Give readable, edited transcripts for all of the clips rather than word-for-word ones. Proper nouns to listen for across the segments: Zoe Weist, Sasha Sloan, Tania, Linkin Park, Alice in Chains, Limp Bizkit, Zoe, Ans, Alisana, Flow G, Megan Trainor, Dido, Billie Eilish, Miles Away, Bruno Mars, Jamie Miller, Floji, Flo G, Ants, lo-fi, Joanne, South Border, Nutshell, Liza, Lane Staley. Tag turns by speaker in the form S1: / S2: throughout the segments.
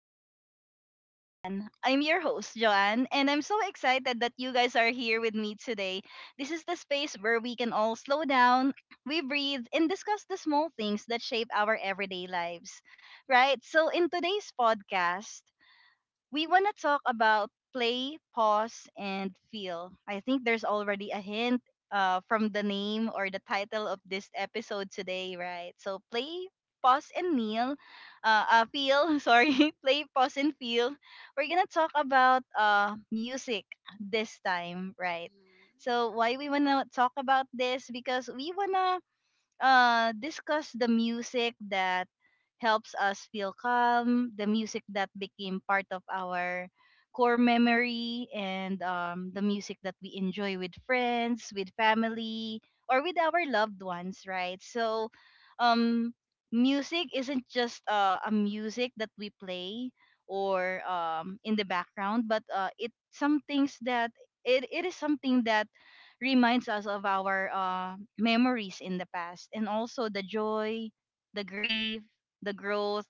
S1: Mindful Moments with Joanne. I'm your host, Joanne, and I'm so excited that you guys are here with me today. This is the space where we can all slow down, we breathe, and discuss the small things that shape our everyday lives. Right? So, in today's podcast, we want to talk about play, pause, and feel. I think there's already a hint from the name or the title of this episode today, right? So play, pause, and kneel. Sorry, play, pause, and feel. We're gonna talk about music this time, right?
S2: Mhm.
S1: So why we wanna talk about this? Because we wanna discuss the music that helps us feel calm, the music that became part of our core memory, and the music that we enjoy with friends, with family, or with our loved ones, right? So, um, music isn't just a music that we play or in the background, but it is something that reminds us of our memories in the past and also the joy, the grief, the growth,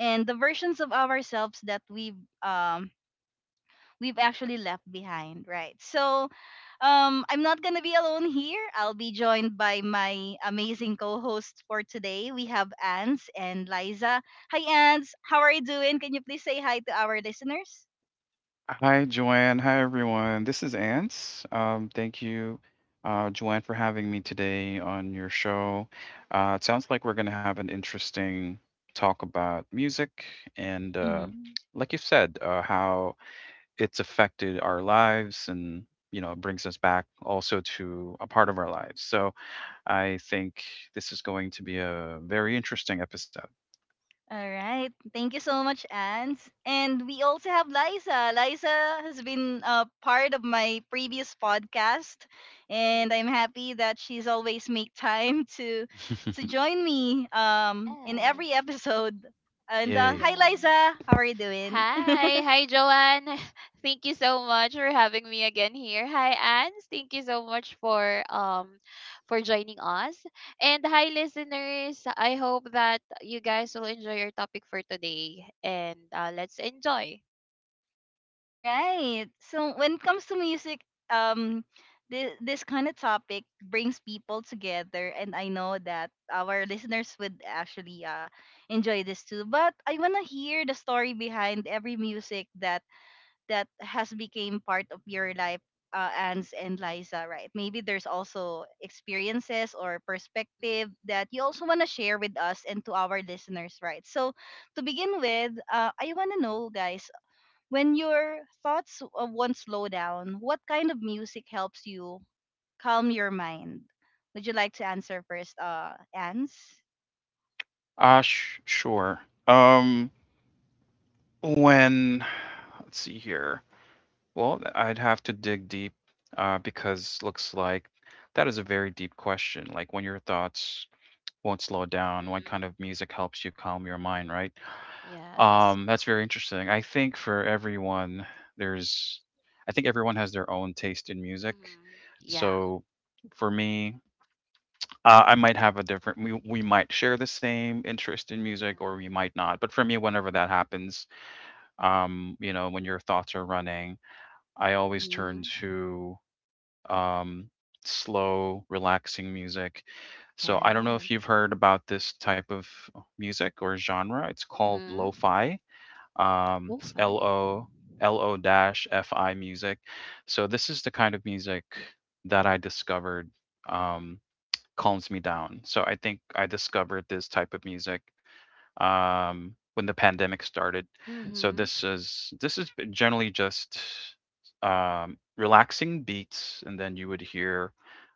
S1: and the versions of ourselves that um, we've actually left behind, right? So I'm not gonna be alone here. I'll be joined by my amazing co-hosts for today. We have Ans and Liza. Hi, Ans. How are you doing? Can you please say hi to our listeners?
S3: Hi, Joanne. Hi, everyone. This is Ants. Thank you, Joanne, for having me today on your show. It sounds like we're going to have an interesting talk about music and,
S1: Mm-hmm.
S3: like you said, how it's affected our lives and brings us back also to a part of our lives. So I think this is going to be a very interesting episode.
S1: All right. Thank you so much, Anne. And we also have Liza. Liza has been a part of my previous podcast, and I'm
S2: Mhm.
S1: happy that she's always make time to join me in
S2: Yes,
S1: every episode. And
S3: Yay.
S1: hi,
S2: yes.
S1: Liza. How are you doing?
S2: Hi, Joanne. Thank you so much for having me again here. Hi, Ans. Thank you so much for joining us. And hi, listeners. I hope that you guys will enjoy your topic for today. And Let's enjoy.
S1: All right. So when it comes to music, um, this kind of topic brings people together, and I know that our listeners would actually enjoy this too. But I wanna hear the story behind every music that has became part of your life, Ans and Liza. Right? Maybe there's also experiences or
S2: Mhm.
S1: perspective that you also wanna share with us and to our listeners. Right? So to begin with, I wanna know, guys, when your thoughts won't slow down, what kind of music helps you calm your mind? Would you like to answer first, Ans?
S3: Sure. Um, When Let's see here. Well, I'd have to dig deep because looks like that is a very deep question. Like when your thoughts won't slow down, what kind of
S2: Mm-hmm.
S3: music helps you calm your mind, right?
S2: Yes.
S3: That's very interesting. I think for everyone, there's, I think everyone has their own taste in music.
S2: Mhm. Yeah.
S3: So for me, I might have a different, we might share the same interest in music or we
S2: Mhm.
S3: might not. But for me, whenever that
S2: Mhm.
S3: happens, when your thoughts are running, I always turn
S2: Mm-hmm.
S3: to um, slow, relaxing music. So I don't know if
S2: Yes.
S3: you've heard about this type of music or genre. It's called
S2: Mm-hmm.
S3: lo-fi.
S2: Go
S3: It's L
S2: five.
S3: O L O dash F I music. So this is the kind of music that I discovered um, calms me down. So I think I discovered this type of music when the pandemic started. So
S2: Mm-hmm.
S3: this is generally just relaxing beats, and then you would hear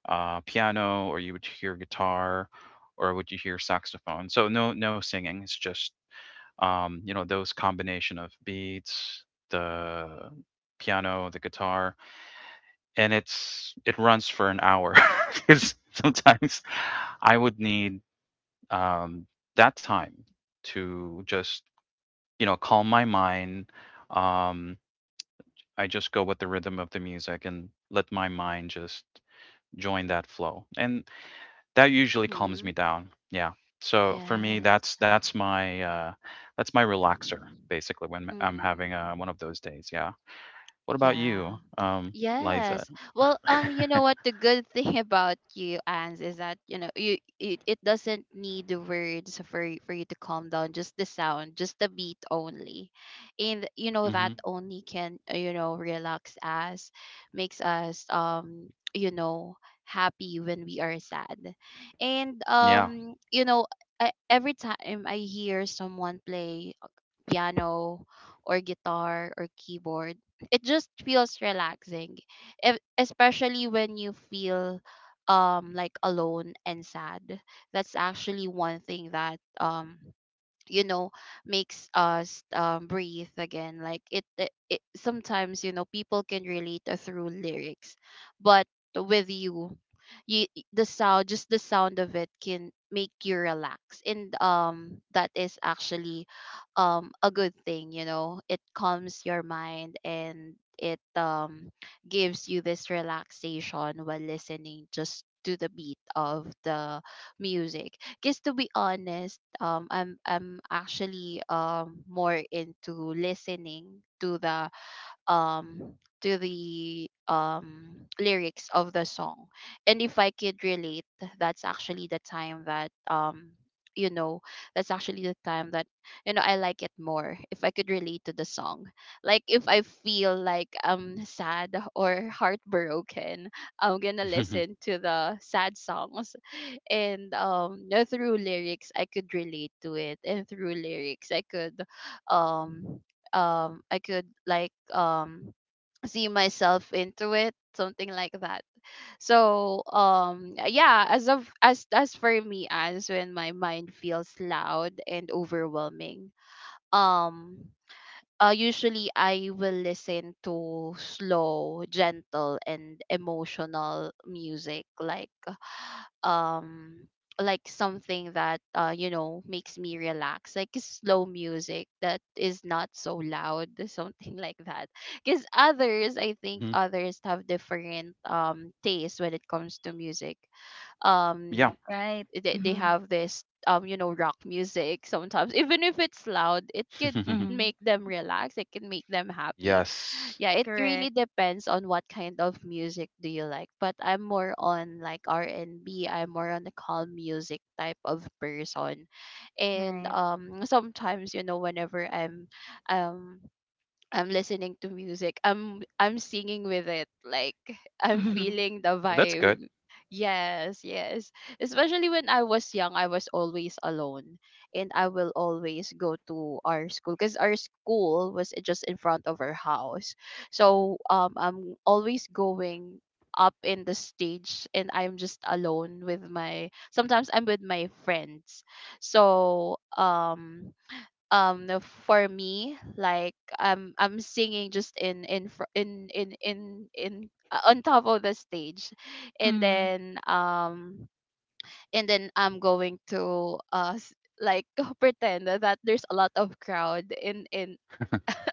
S3: piano, or you would hear guitar, or would you hear saxophone? So no singing. It's just those combination of beats, the piano, the guitar, and it runs for an hour. Because sometimes I would need um, that time to just calm my mind. Um, I just go with the rhythm of the music and let my mind just join that flow. And that usually calms me
S2: Mhm.
S3: down. Yeah. So for me,
S2: Yes.
S3: that's my relaxer basically when I'm having
S2: Mhm.
S3: one of those days. Yeah. What about
S2: Yeah.
S3: you, Liza?
S2: Yes. Well, you know what? The good thing about you, Ans, is that it doesn't need the words for you to calm down. Just the sound, just the beat only, and that
S3: Hmm.
S2: only can relax us, makes us happy when we are sad, and
S3: Yeah.
S2: e- every time I hear someone play, piano or guitar or keyboard. It just feels relaxing, if, especially when you feel like alone and sad. That's actually one thing that you know makes us, breathe again. Like it sometimes, people can relate, through lyrics, but with you, the sound, just the sound of it, can make you relax. And that is actually a good thing. It calms your mind and it gives you this relaxation while listening just to the beat of the music. Because to be honest, I'm actually more into listening to the, um lyrics of the song, and if I could relate, that's actually the time that you know that's actually the time that I like it more if I could relate to the song. Like if I feel like I'm sad or heartbroken, I'm gonna listen to the sad songs. And through lyrics I could relate to it, and through lyrics um I could see myself into it, something like that. So yeah, as of as for me as when my mind feels loud and overwhelming, um usually I will listen to slow, gentle, and emotional music, like, um something that makes me relax, like slow music that is not so loud something like that. Because others I think
S3: Mhm.
S2: others have different tastes when it comes to music. um
S3: Yeah.
S1: Right.
S2: they
S1: Mm-hmm.
S2: have this, rock music sometimes, even if it's loud, it could
S1: Mm-hmm.
S2: make them relax, it can make them happy.
S3: Yes.
S2: Yeah, it really
S1: Correct.
S2: depends on what kind of music do you like. But I'm more on like R&B, am more on the calm music type of person. And
S1: Right.
S2: um sometimes, whenever um I'm listening to music, I'm singing with it. Like I'm feeling the
S3: Oh, that's good.
S2: vibe. Yes, yes. Especially when I was young, I was always alone, and I will always go to our school because our school was just in front of our house. So I'm always going up in the stage, and I'm just alone with my sometimes I'm with my friends. So, no, for me, like, I'm singing just in fr- in on top of the stage, and
S1: Mm-hmm.
S2: then I'm going to like pretend that there's a lot of crowd in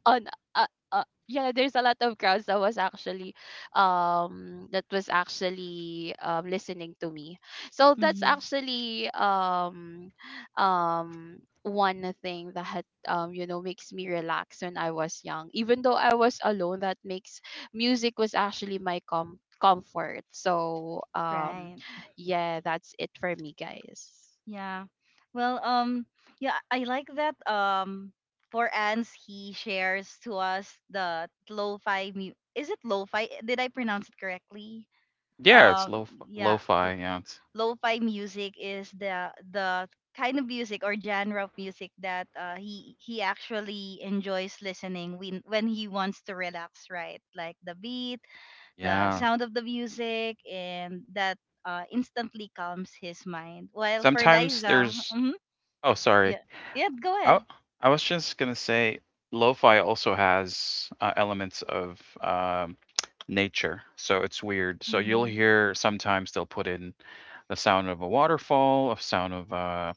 S2: on yeah, there's a lot of crowds that was actually listening to me. So that's
S1: Mm-hmm.
S2: actually, one thing that makes me relax when I was young, even though I was alone. That makes Music was actually my comfort. So,
S1: Right.
S2: yeah, that's it for me, guys.
S1: Yeah. Well, yeah, I like that. For Ans, he shares to us the lo-fi mu- Is it lo-fi? Did I pronounce it correctly?
S3: Yeah, it's
S1: Um,
S3: lo
S1: yeah,
S3: lo-fi. Yeah, it's
S1: lo-fi music is the kind of music or genre of music that he actually enjoys listening when he wants to relax, right? Like the beat, the
S3: yeah.
S1: sound of the music, and that instantly calms his mind. While for
S3: Sometimes
S1: Liza,
S3: there's Oh, sorry.
S1: yeah, yeah, go
S3: I
S1: ahead.
S3: I was just gonna say, lo-fi also has elements of nature, so it's weird. So you'll
S1: Hmm.
S3: hear sometimes they'll put in the sound of a waterfall, a sound of uh,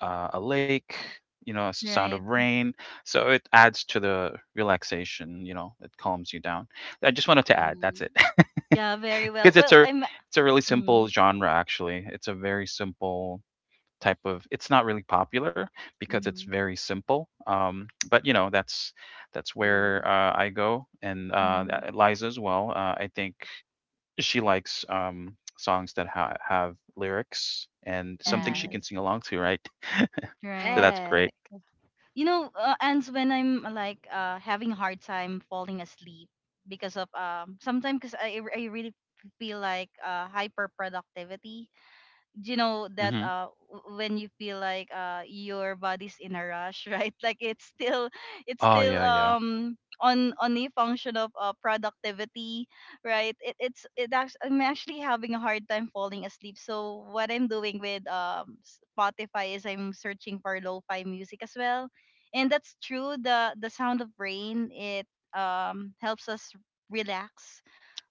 S3: uh, a lake, a sound of
S1: Right.
S3: rain. So it adds to the relaxation. It calms you down. I just wanted to add. That's
S2: Mm-hmm.
S3: it.
S1: Yeah, very well.
S3: Because it's
S1: Well,
S3: a
S1: I'm.
S3: it's a really simple
S1: Mm-hmm.
S3: genre. Actually, it's not really popular because it's very simple. But that's where
S2: Mm-hmm.
S3: I go, and
S1: Mm-hmm.
S3: Liza as well. I think she likes songs that have lyrics and something she
S1: Mm-hmm.
S3: can
S2: Yes,
S3: sing along to, right? So
S1: Right.
S3: that's great.
S2: correct.
S1: And when I'm like having a hard time falling asleep because of sometimes because I really feel like hyper productivity. Do you know that
S3: Hmm.
S1: when you feel like your body's in a rush? Right, like it's still,
S3: Oh, yeah, yeah,
S1: on a function of productivity, right? It, it's it actually, I'm actually having a hard time falling asleep, so what I'm doing with Spotify is I'm searching for lo-fi music as well. And that's true, the sound of rain, it helps us relax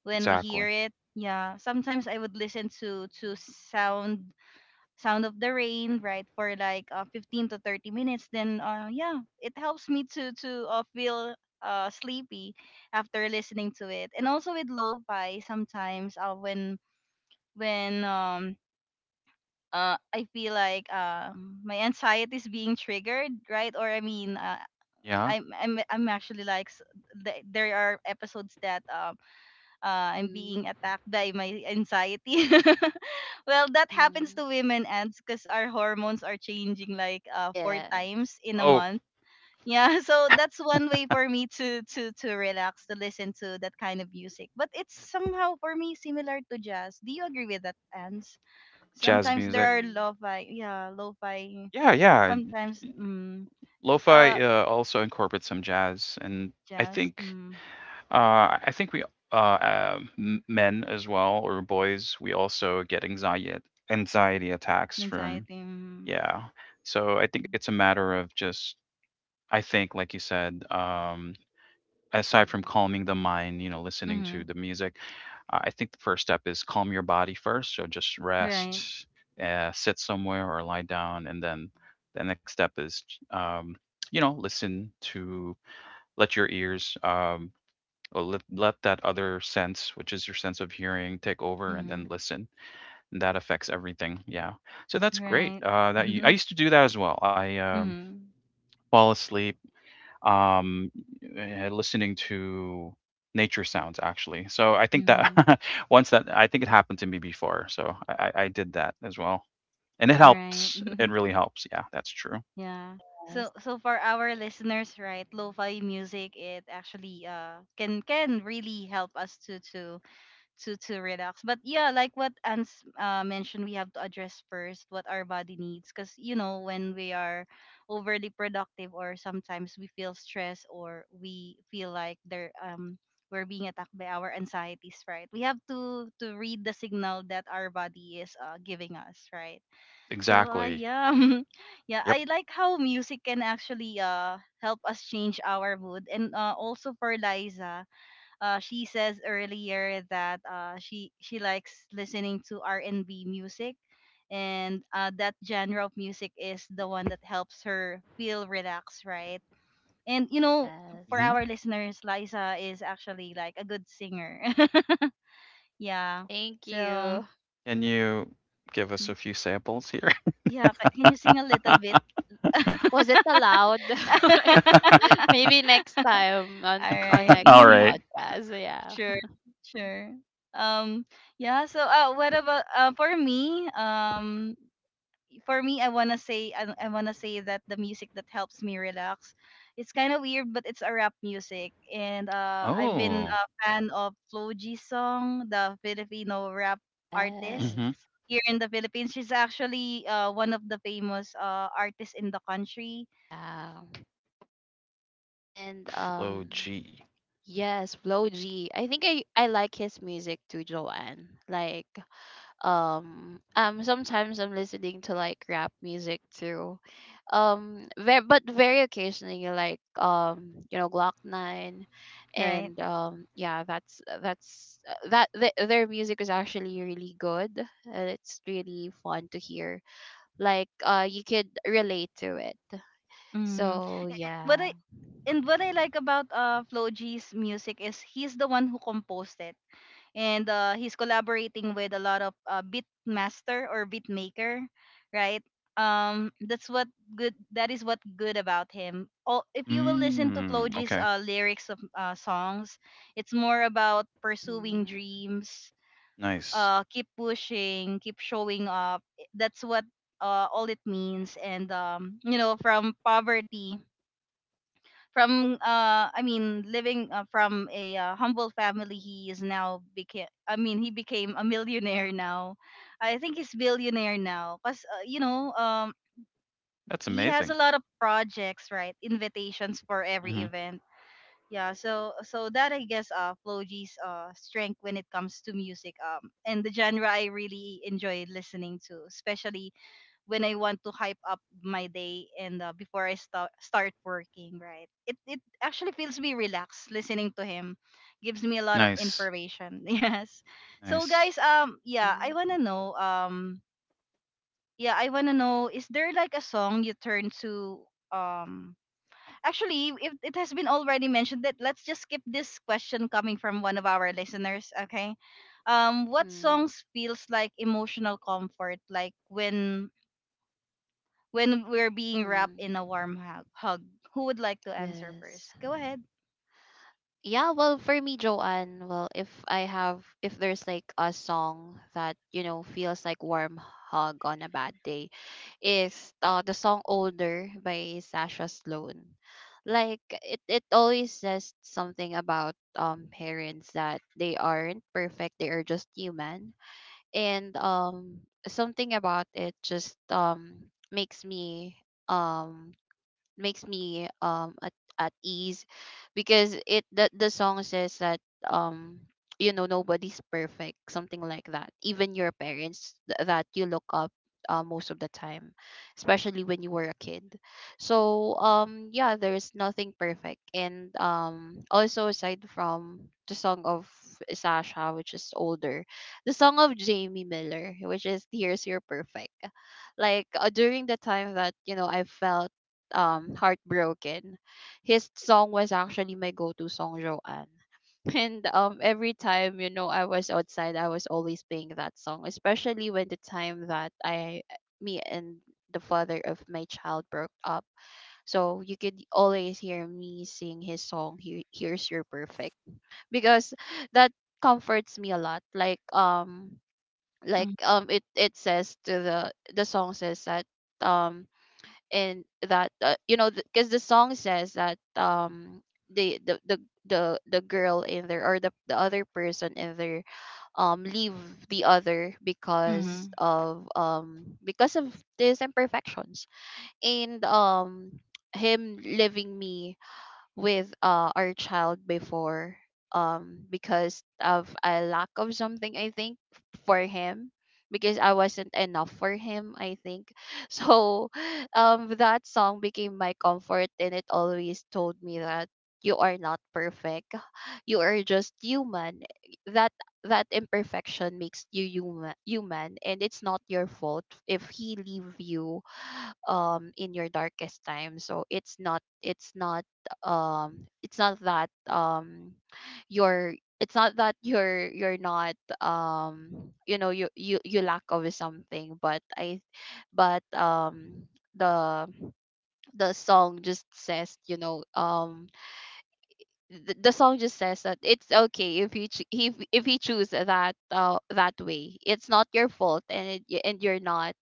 S1: when we hear
S3: exactly.
S1: it. Yeah, sometimes I would listen to sound sound of the rain, right, for like 15 to 30 minutes. Then yeah, it helps me to feel sleepy after listening to it. And also with lo-fi, sometimes when when um I feel like my anxiety is being triggered, right? Or I mean,
S3: Yeah.
S1: I'm actually like, there are episodes that I'm being
S2: Mm-hmm.
S1: attacked by my anxiety. Well, that happens
S2: Mhm.
S1: to women, Ants, because our hormones are changing like four
S2: Yeah.
S1: times in a
S3: Oh,
S1: month. Yeah, so that's one way for me to relax, to listen to that kind of music. But it's somehow for me similar to jazz. Do you agree with that, Ans?
S3: jazz
S1: Sometimes
S3: music.
S1: there are
S2: Mhm.
S1: lo-fi, yeah, lo-fi.
S3: Yeah, yeah.
S1: Sometimes, mm,
S3: Lo-fi
S1: uh,
S3: also incorporates some jazz, and I
S1: jazz,
S3: think
S1: mm,
S3: I think we men as well, or boys, we also get anxiety attacks from
S1: anxiety, mm,
S3: Yeah. So I think it's a matter of just I think like you said, aside from
S2: Mhm.
S3: calming the mind, listening to
S1: mm-hmm,
S3: the music, I think the first step is calm your body first. So just
S1: right,
S3: rest, sit somewhere or lie down, and then the next step is um, listen, to let your ears, well, let that other sense, which is your sense of hearing, take over and then
S1: mm-hmm,
S3: listen. And that affects everything. Yeah. So that's great.
S1: right.
S3: I used to do that as well. I
S1: Mm-hmm.
S3: fall asleep um, listening to nature sounds actually. So I think
S1: Mm-hmm.
S3: that, once, that I think it happened to me before. So I did that as well, and it
S1: Right.
S3: helps. It really helps. Yeah, that's true.
S1: yeah.
S2: Yes.
S1: So for our listeners, right, lo-fi music, it actually can really help us to to relax. But yeah, like what Ans mentioned, we have to address first what our body needs, because you know when we are overly productive, or sometimes we feel stressed, or we feel like there, we're being attacked by our anxieties, right? We have to read the signal that our body is giving us, right? So
S3: Exactly.
S1: yeah, yeah,
S3: Yep.
S1: I like how music can actually help us change our mood. And also for Liza, she says earlier that she likes listening to R&B music, and that genre of music is the one that helps her feel relaxed, right? And you know, for
S2: Yes.
S3: hmm
S1: our listeners, Liza is actually like a good singer. Yeah,
S2: Thank
S1: so
S2: you.
S3: Can you give us a few samples here?
S1: yeah, can you sing a little bit?
S2: Was it allowed? Like, maybe next
S1: All
S2: time, on
S1: right.
S2: next
S3: All right.
S2: podcast. Yeah.
S1: Sure. Sure. Um yeah, so what about for me? I want to say, I want to say that the music that helps me relax, it's kind of weird, but it's a rap music. And I've been
S3: Oh.
S1: a fan of Flo G song, the Filipino rap artist.
S3: Mm-hmm.
S2: Yes.
S1: Here in the Philippines, she's actually one of the famous artists in the country,
S2: Yeah. And
S3: Flow
S2: um
S3: G.
S2: yes, Flo G. I think I like his music too, Joanne. Like sometimes I'm listening to like rap music too, very, but very occasionally, like, glock 9,
S1: right?
S2: and yeah, that's that th- their music is actually really good, and it's really fun to hear. Like, you could relate to it,
S1: Mm-hmm.
S2: so
S1: what
S2: yeah.
S1: I and what I like about Floji's music is he's the one who composed it. And he's collaborating with a lot of beat master or beat maker, right? Um that's what that is what good about him. Oh, if you will listen to
S3: Mm.
S1: Floji's G's
S3: Okay.
S1: lyrics of songs, it's more about pursuing
S2: Mhm.
S1: dreams,
S3: Nice.
S1: keep pushing, keep showing up. That's what all it means. And from poverty, from I mean, living from a humble family, he is now became. I mean, he became a millionaire now. I think he's billionaire now, cause
S3: That's
S1: he has a
S3: amazing.
S1: lot of projects, right? Invitations for every
S3: Mm-hmm.
S1: event. Yeah, so that I guess Floji's strength when it comes to music and the genre I really enjoy listening to, especially when I want to hype up my day and before I start working, right? It actually feels me relaxed listening to him, gives me a lot of
S3: Nice.
S1: information. Yes. So
S3: Nice.
S1: guys,
S2: Mhm.
S1: yeah, I wanna know, is there like a song you turn to? Um, actually, if it has been already mentioned, that let's just skip this question coming from one of our listeners. Okay, what
S2: Mhm.
S1: songs feels like emotional comfort, like when we're
S2: Mhm.
S1: being wrapped
S2: Mhm.
S1: in a warm hug. Who would like to answer
S2: Yes.
S1: first? Go ahead.
S2: Yeah, well, for me, Joanne, well, if I have, if there's like a song that, feels like warm hug on a bad day, is the song Older by Sasha Sloan. Like, it always says something about parents, that they aren't perfect, they are just human. And something about it just um makes me at ease, because the song says that um nobody's perfect, something like that, even your parents that you look up, most of the time, especially when you were a kid. So yeah, there's nothing perfect. And also, aside from the song of Sasha, which is Older, the song of Jamie Miller, which is Here's Your Perfect. During the time that I felt heartbroken, his song was actually my go-to song, Joanne. And every time, I was outside, I was always playing that song, especially when the time that I me and the father of my child broke up. So you could always hear me sing his song, Here's Your Perfect, because that comforts me a lot.
S1: Mm-hmm.
S2: It says to the song says that, um and that, because the song says that, the the the the girl in there, or the other person in there, leave the other because
S1: Mm-hmm.
S2: of these imperfections. And him leaving me with, our child before, because of a lack of something, I think, for him, because I wasn't enough for him, I think. So that song became my comfort, and it always told me that you are not perfect. You are just human. That that imperfection makes you human, and it's not your fault if he leave you, in your darkest time. So it's not that, you're it's not that you're not, um you lack of something, but the song just says, that it's okay, if you ch- if you choose that, that way. It's not your fault, and and you're not,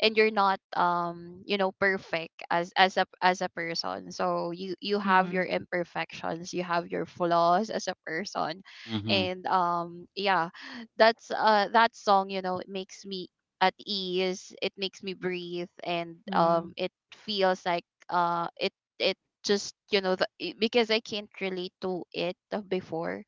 S2: perfect as a person. So you have your
S1: Mm-hmm.
S2: imperfections, you have your flaws as a person.
S3: Mm-hmm.
S2: And yeah, that song, you know, it makes me at ease, it makes me breathe. and
S1: Mm-hmm.
S2: um it feels like, it just, because I can't relate to it before,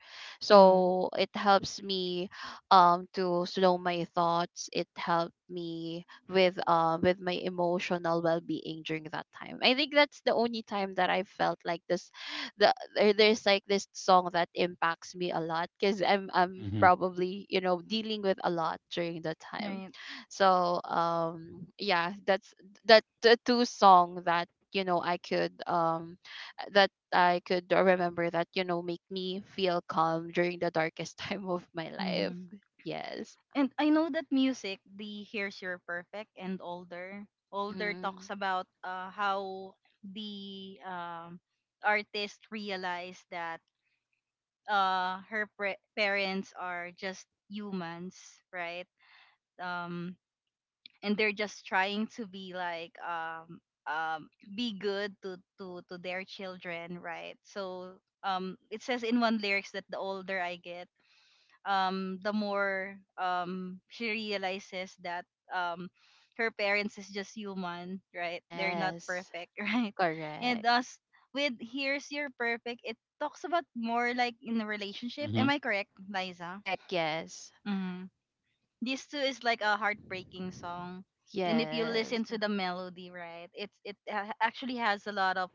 S1: Mm-hmm.
S2: so it helps me, to slow my thoughts. It helped me with my emotional well-being during that time. I think that's the only time that I felt like this. There's like this song that impacts me a lot, because I'm
S3: Mm-hmm.
S2: probably, dealing with a lot during the time.
S1: Right.
S2: So yeah, that's that the two song that, you know I could um I could remember that, make me feel calm during the darkest time of my life.
S1: Mm-hmm.
S2: Yes.
S1: And I know that music, the Here's Your Perfect and Older. Older
S2: Mm-hmm.
S1: talks about how the artist realized that her parents are just humans, right? Um, and they're just trying to be like, um be good to their children, right? So it says in one lyrics that the older I get, the more, she realizes that um her parents is just human, right? They're not
S2: Yes.
S1: perfect, right? And
S2: Correct.
S1: thus with Here's Your Perfect, it talks about more like in a relationship.
S3: Mm-hmm.
S1: Am I correct, Liza?
S2: Correct. Yes.
S1: Mhm. This too is like a heartbreaking song. And if you
S2: Yes.
S1: listen to the melody, right, it actually has a lot of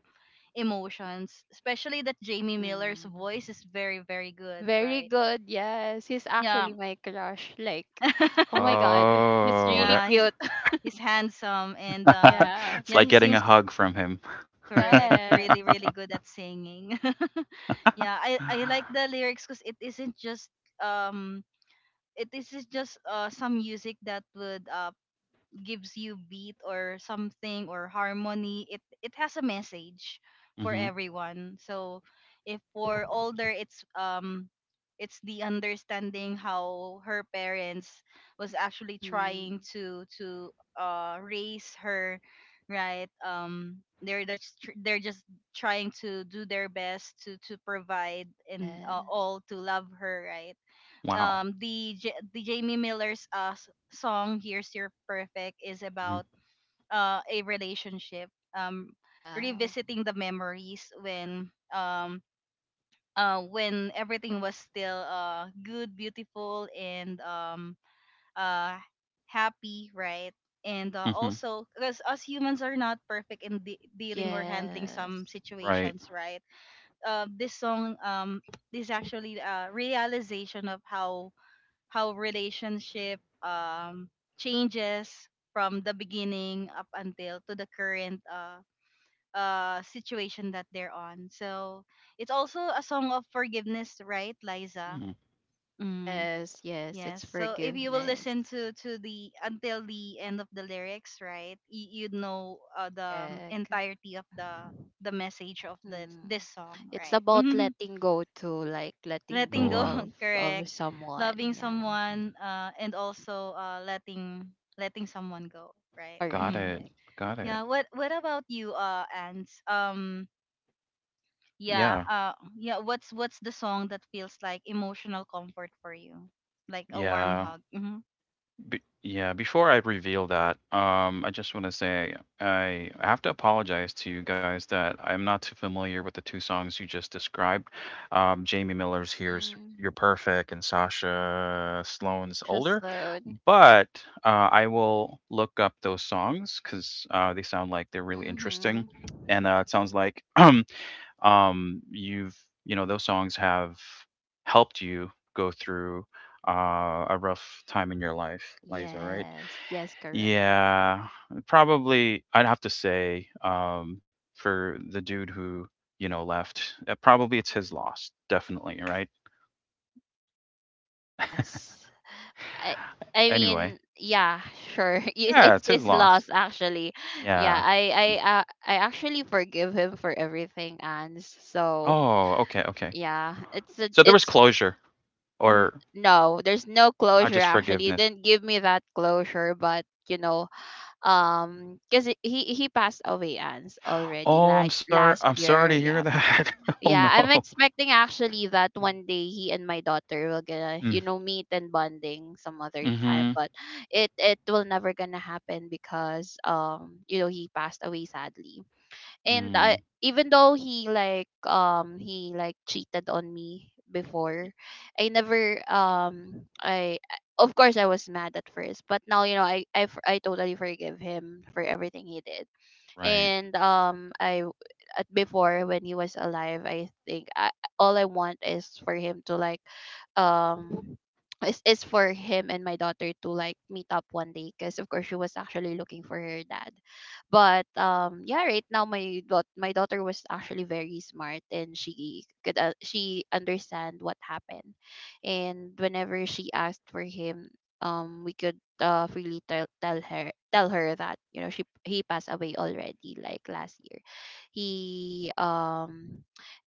S1: emotions, especially that Jamie Miller's
S2: Mm.
S1: voice is very very good,
S2: Very
S1: right?
S2: good. Yes. He's
S1: Yeah.
S2: actually my crush. Like, oh my God. He's
S3: Oh,
S2: really
S3: there.
S1: Yeah, he's,
S2: cute.
S1: handsome. And
S2: Yeah.
S3: It's
S1: yeah,
S3: like
S1: he
S3: getting a
S1: sings,
S3: hug from him.
S1: correct,
S2: Yeah.
S1: really really good at singing.
S3: Mm-hmm.
S1: Yeah, I like the lyrics, cuz it isn't just um it is just some music that would gives you beat or something or harmony. It has a message for everyone. So if for older, it's the understanding how her parents was actually
S2: Mm-hmm.
S1: trying to raise her, right? They're just trying to do their best to provide, and
S2: Yes.
S1: all to love her, right?
S3: Wow.
S1: The the Jamie Miller's song "Here's Your Perfect" is
S3: Mm-hmm.
S1: about a relationship, um
S2: Yeah.
S1: revisiting the memories when everything was still good, beautiful, and uh happy, right? And
S3: Mm-hmm.
S1: also, because us humans are not perfect in dealing or handling some
S2: Yes.
S3: Right.
S1: situations, right? This song is actually a realization of how relationship changes from the beginning up until to the current situation that they're on. So it's also a song of forgiveness, right, Liza?
S3: Mm-hmm.
S1: Mm,
S2: Yes, yes,
S1: yes.
S2: it's
S1: So if you will
S2: forgiveness.
S1: listen to the until the end of the lyrics, right, you'd know the
S2: Correct.
S1: entirety of the message of this
S2: Hmm.
S1: this song,
S2: It's
S1: right?
S2: about letting go to like, letting
S1: Letting
S2: go
S1: go.
S3: Mm.
S2: of
S1: Correct.
S2: of someone.
S1: Loving
S2: Yeah.
S1: someone and also letting letting someone go, right.
S3: Got
S1: Hmm,
S3: it.
S2: Correct.
S3: Got it.
S1: yeah, what about you, Ants?
S3: Yeah.
S1: Yeah, what's the song that feels like emotional comfort for you, like a warm
S3: Yeah.
S1: hug? Mm-hmm.
S3: Before I reveal that, I just want to say I have to apologize to you guys that I'm not too familiar with the two songs you just described. Jamie Miller's "Here's You're
S2: Mm-hmm.
S3: Perfect" and Sasha Sloan's
S2: Tasha
S3: "Older",
S2: Sloan.
S3: but I will look up those songs because they sound like they're really interesting.
S2: Mm-hmm.
S3: And it sounds like you've those songs have helped you go through a rough time in your life, Liza, right?
S2: Yes, yes, correct.
S3: Yeah, probably. I'd have to say for the dude who left, probably it's his loss, definitely, right?
S2: Yes. I I
S3: Anyway,
S2: mean, yeah, sure. It,
S3: yeah,
S2: it's
S3: it's his
S2: his
S3: loss.
S2: loss, actually. Yeah,
S3: Yeah.
S2: I
S3: Mm.
S2: I uh, I actually forgive him for everything, and so
S3: Oh, okay, okay.
S2: yeah, it's a,
S3: So there was
S2: it's
S3: closure,
S2: N-
S3: or
S2: no, there's no closure,
S3: just
S2: actually. You
S3: forgiveness.
S2: didn't give me that closure, but, because he passed away, Ans, already,
S3: Oh, I'm
S2: like
S3: sorry.
S2: last
S3: I'm sorry
S2: year.
S3: to hear
S2: Yeah,
S3: that. Oh,
S2: yeah.
S3: no.
S2: I'm expecting actually that one day he and my daughter will gonna meet and bonding some other time,
S3: Mhm.
S2: but it will never gonna happen because he passed away sadly. And I,
S3: Mm.
S2: even though he like cheated on me before I never I- of course I was mad at first, but now I totally forgive him for everything he did.
S3: Right.
S2: And I At before when he was alive all I want is for him to like um is for him and my daughter to like meet up one day, because of course she was actually looking for her dad. But yeah, right now my daughter was actually very smart and she could she understand what happened. And whenever she asked for him, we could freely tell her that you know she he passed away already like last year. He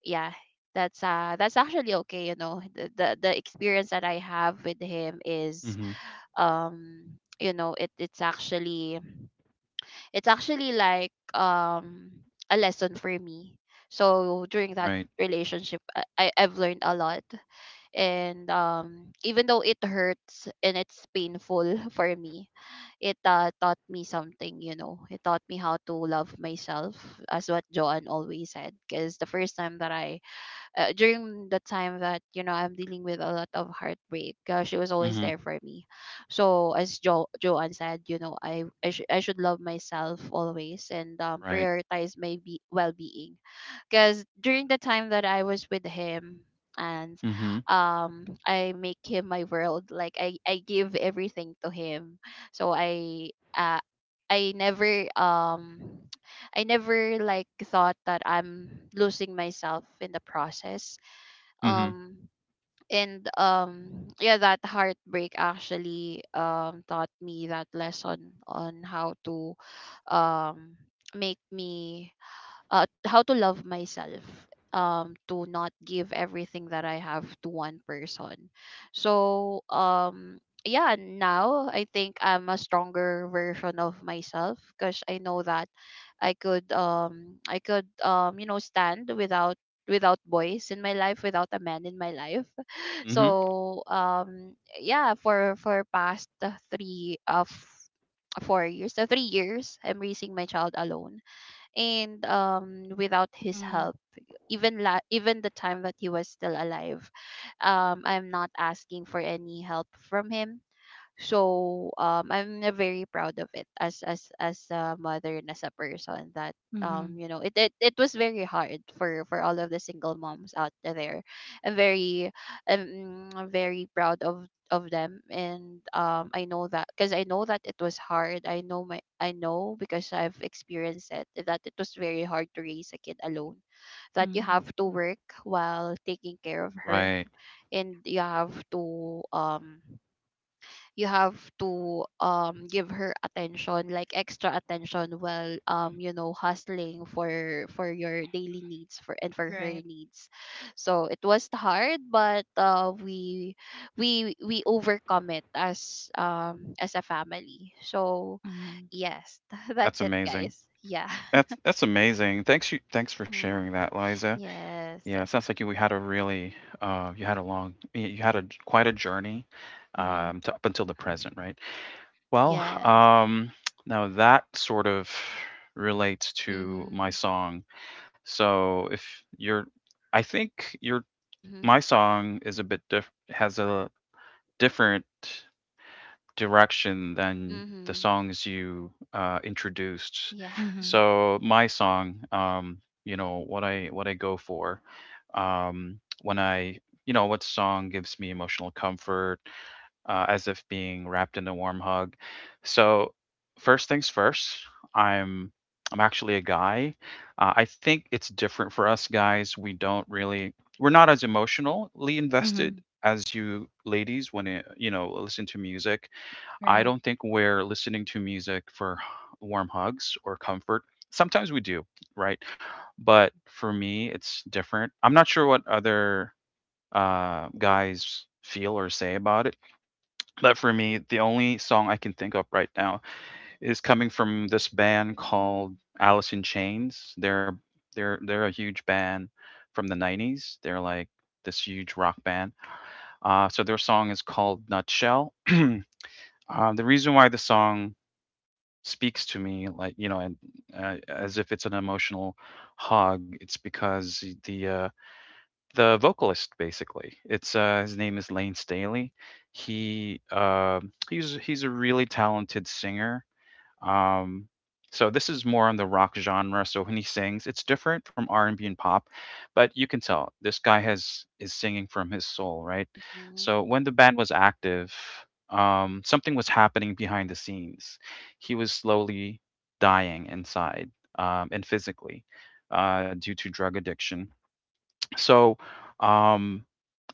S2: Yeah, that's actually okay. You know, the experience that I have with him is
S3: Mhm.
S2: um you know it it's actually it's actually like a lesson for me. So during that
S3: Right.
S2: relationship, I've learned a lot. And even though it hurts and it's painful for me, it taught me something. You know, it taught me how to love myself, as what Joanne always said, because the first time that I during the time that I'm dealing with a lot of heartbreak, she was always there
S3: Mhm.
S2: for me. So as Joanne said, you know, I should love myself always, and
S3: Right.
S2: prioritize my well-being. Because during the time that I was with him and
S3: Mhm.
S2: I make him my world, like I give everything to him. So uh I never um I never like thought that I'm losing myself in the process.
S3: Mhm.
S2: Um and yeah, that heartbreak actually taught me that lesson on how to um make me how to love myself, to not give everything that I have to one person. So yeah, now I think I'm a stronger version of myself, because I know that I could stand without without boys in my life, without a man in my life.
S3: Mhm.
S2: So yeah, for past 3 years I'm raising my child alone. And without his
S1: Mm-hmm.
S2: help. Even even the time that he was still alive, I'm not asking for any help from him. So I'm na very proud of it as as a mother and as a person that
S1: Mm-hmm.
S2: you know, it was very hard for all of the single moms out there. I'm very very proud of them. And I know that, because I know that it was hard. I know, because I've experienced it, that it was very hard to raise a kid alone. That you
S1: Mm-hmm.
S2: have to work while taking care of her,
S3: Right.
S2: and you have to give her attention, like extra attention, while you know, hustling for your daily needs for and for her
S1: Right.
S2: needs. So it was hard, but we overcome it as a family. So
S1: Mm-hmm.
S2: yes, that's
S3: That's
S2: it,
S3: amazing.
S2: guys. Yeah.
S3: That's that's amazing. Thanks for
S2: Mm-hmm.
S3: sharing that, Liza.
S2: Yes.
S3: Yeah, it sounds like you had a really, you had a long you you had a j- quite a journey,
S1: Mm-hmm.
S3: to up until
S2: Mm.
S3: the present, right? Well,
S2: Yes.
S3: um now that sort of relates to my
S2: Mm-hmm.
S3: song. So, if you're I think your
S2: Mm-hmm.
S3: my song is a bit diff has a different direction than the
S2: Mm-hmm.
S3: songs you introduced.
S2: Yeah.
S1: Mm-hmm.
S3: So my song, what I go for, when I, what song gives me emotional comfort as if being wrapped in a warm hug. So, first things first, I'm I'm actually a guy. I think it's different for us guys. We don't really We're not as emotionally invested
S1: Mm-hmm.
S3: as you ladies when, it, you know listen to music. I
S1: Right.
S3: don't think we're listening to music for warm hugs or comfort. Sometimes we do, right? But for me, it's different. I'm not sure what other guys feel or say about it, but for me, the only song I can think of right now is coming from this band called Alice in Chains. They're a huge band from the 90s. They're like this huge rock band. So their song is called Nutshell. The reason why the song speaks to me, like, and as if it's an emotional hug, it's because the the vocalist basically. It's His name is Lane Staley. He's a really talented singer. Um, so this is more on the rock genre. So when he sings, it's different from R&B and pop, but you can tell this guy has is singing from his soul, right?
S2: Mm-hmm.
S3: So when the band was active, something was happening behind the scenes. He was slowly dying inside, and physically, due to drug addiction. So, um,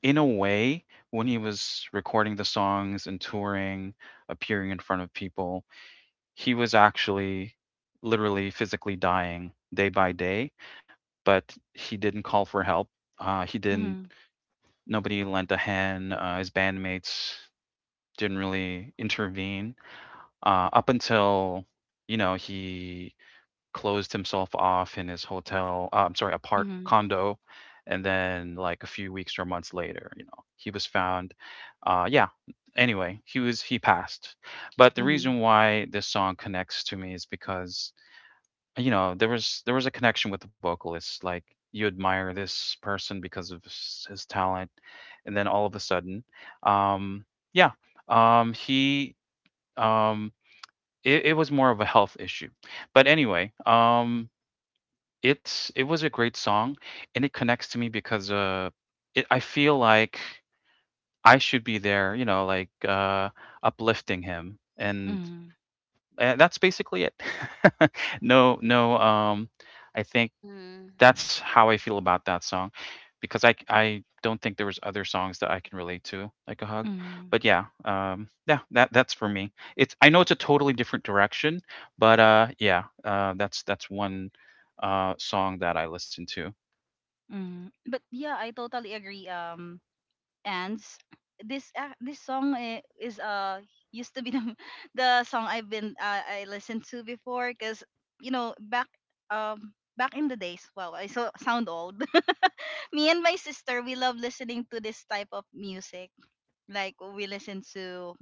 S3: in a way, when he was recording the songs and touring, appearing in front of people, he was actually literally physically dying day by day, but he didn't call for help. He didn't,
S1: Mm-hmm.
S3: Nobody lent a hand. His bandmates didn't really intervene up until, he closed himself off in his hotel, I'm sorry, apart
S1: Mm-hmm.
S3: condo. And then, like, a few weeks or months later, he was found. Yeah. Anyway, he passed. But the
S1: Mm-hmm.
S3: reason why this song connects to me is because there was a connection with the vocalist. Like, you admire this person because of his talent, and then all of a sudden, um, yeah, um, he um, it was more of a health issue. But anyway, it was a great song, and it connects to me because, it I feel like I should be there, like, uplifting him, and
S1: Mm-hmm.
S3: that's basically it. No, no, I think
S2: Mm-hmm.
S3: that's how I feel about that song, because I don't think there was other songs that I can relate to, like a hug.
S1: Mm-hmm.
S3: But yeah, that's for me. It's I know it's a totally different direction, but, that's one song that I listen to.
S1: Mm-hmm. But yeah, I totally agree. And this ac this song is used to be the song I've been I listened to before, because you know back back in the days. Wow, I so sound old. Me and my sister, we love listening to this type of music. Like we listen to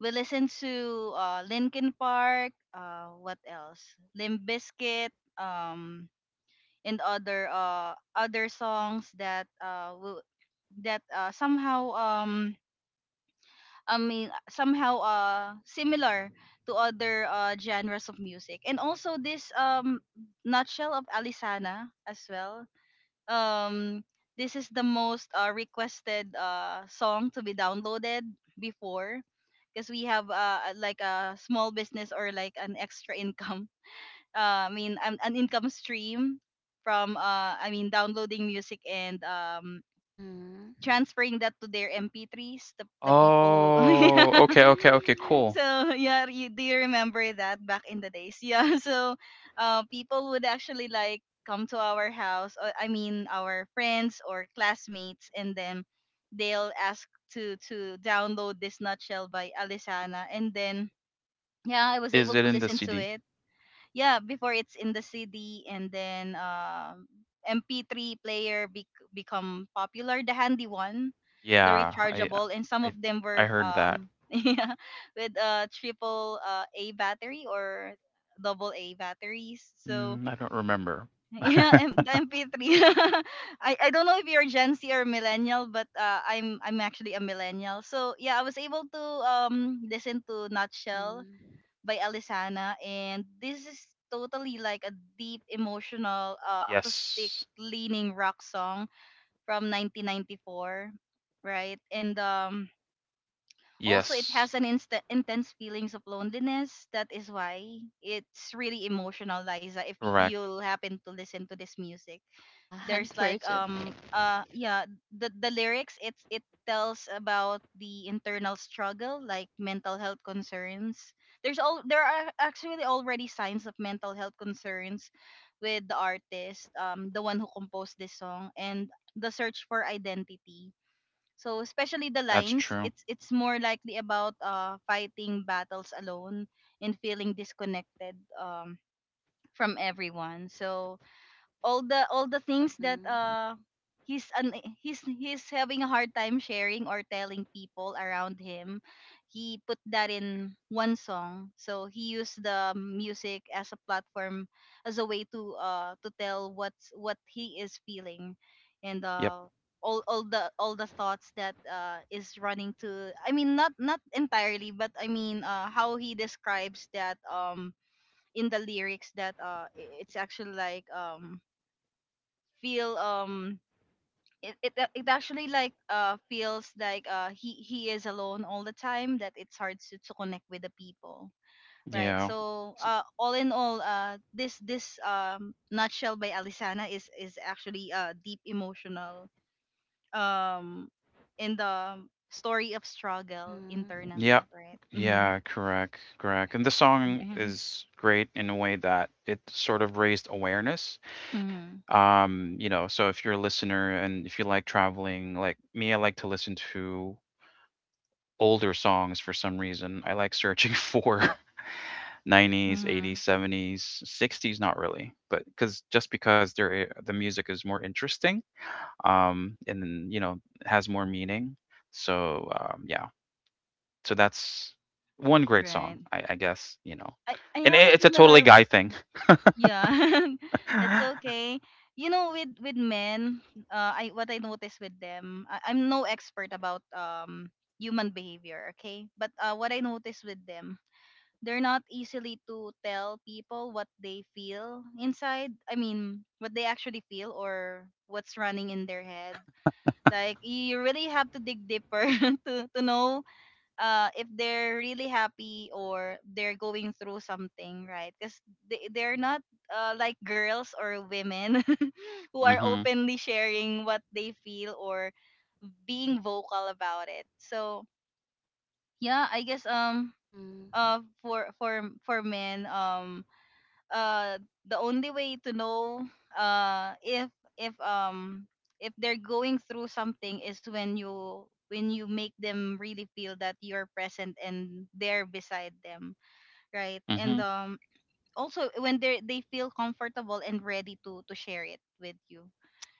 S1: we listen to Linkin Park, what else, Limp Bizkit, um and other other songs that somehow somehow similar to other genres of music. And also this Nutshell of Alisana as well. Um this is the most requested song to be downloaded before, because we have like a small business or like an extra income. I mean an income stream from I mean downloading music and
S2: Mhm.
S1: transferring that to their MP3s, the people who yeah.
S3: Oh, okay, okay, okay, cool.
S1: So yeah, you, do you remember that back in the days? Yeah, so people would actually like come to our house, or I mean our friends or classmates, and then they'll ask to download this Nutshell by Alisana, and then yeah, I was
S3: Is
S1: able
S3: it
S1: to
S3: in the
S1: listen to
S3: CD?
S1: it. Yeah, before it's in the CD, and then MP3 player become popular, the handy one, the
S3: Yeah,
S1: rechargeable, and some
S3: I
S1: of them
S3: I
S1: were
S3: heard that.
S1: yeah, with triple a battery or double a batteries. So
S3: I don't remember.
S1: yeah, the MP3. I don't know if you're Gen Z or millennial, but I'm actually a millennial, so yeah, I was able to listen to Nutshell
S2: Mhm.
S1: by Alisana. And this is totally like a deep emotional acoustic
S3: Yes.
S1: leaning rock song from 1994, right? And also it
S3: Yes.
S1: has an insta intense feelings of loneliness. That is why it's really emotional, Liza, if
S3: Correct.
S1: you'll happen to listen to this music.
S2: Yeah,
S1: There's like
S2: unfortunately.
S1: yeah, the lyrics, it tells about the internal struggle, like mental health concerns. There's all there are actually already signs of mental health concerns with the artist, the one who composed this song, and the search for identity. So especially the
S3: That's
S1: lines,
S3: true.
S1: it's more likely about fighting battles alone and feeling disconnected from everyone. So all the things that
S2: Mhm.
S1: he's an he's having a hard time sharing or telling people around him, he put that in one song. So he used the music as a platform, as a way to tell what he is feeling. And
S3: Yep.
S1: all the thoughts that is running to, I mean not not entirely, but I mean how he describes that in the lyrics, that it's actually like feel it, it it actually like feels like he is alone all the time, that it's hard to connect with the people, right?
S3: Yeah.
S1: So
S3: S-
S1: all in all, this Nutshell by Alisana is actually deep emotional um in the story of struggle
S2: Mhm.
S1: internally,
S3: Yep.
S1: right? Mm-hmm.
S3: Yeah, correct. Correct. And the song is great in a way that it sort of raised awareness.
S1: Mm-hmm.
S3: So if you're a listener and if you like traveling, like me, I like to listen to older songs for some reason. I like searching for 90s,
S1: Mm-hmm.
S3: 80s, 70s, 60s, not really, but because just because the music is more interesting, and then, has more meaning. So yeah, so that's one great
S1: Right,
S3: song, I guess.
S1: I
S3: And
S1: have a
S3: it's a
S1: similar.
S3: totally guy thing.
S1: Yeah, that's okay. You know, with men, I, what I notice with them, I'm no expert about human behavior, okay? But what I notice with them, they're not easily to tell people what they feel inside. I mean, what they actually feel or what's running in their head. Like you really have to dig deeper to know if they're really happy or they're going through something, right? Because they're not like girls or women who are
S3: hmm
S1: openly sharing what they feel or being vocal about it. So yeah, I guess
S2: Mhm.
S1: for for men, uh the only way to know if if um if they're going through something is when you, when you make them really feel that you're present and there beside them, right? And
S3: hmm
S1: also when they feel comfortable and ready to share it with you.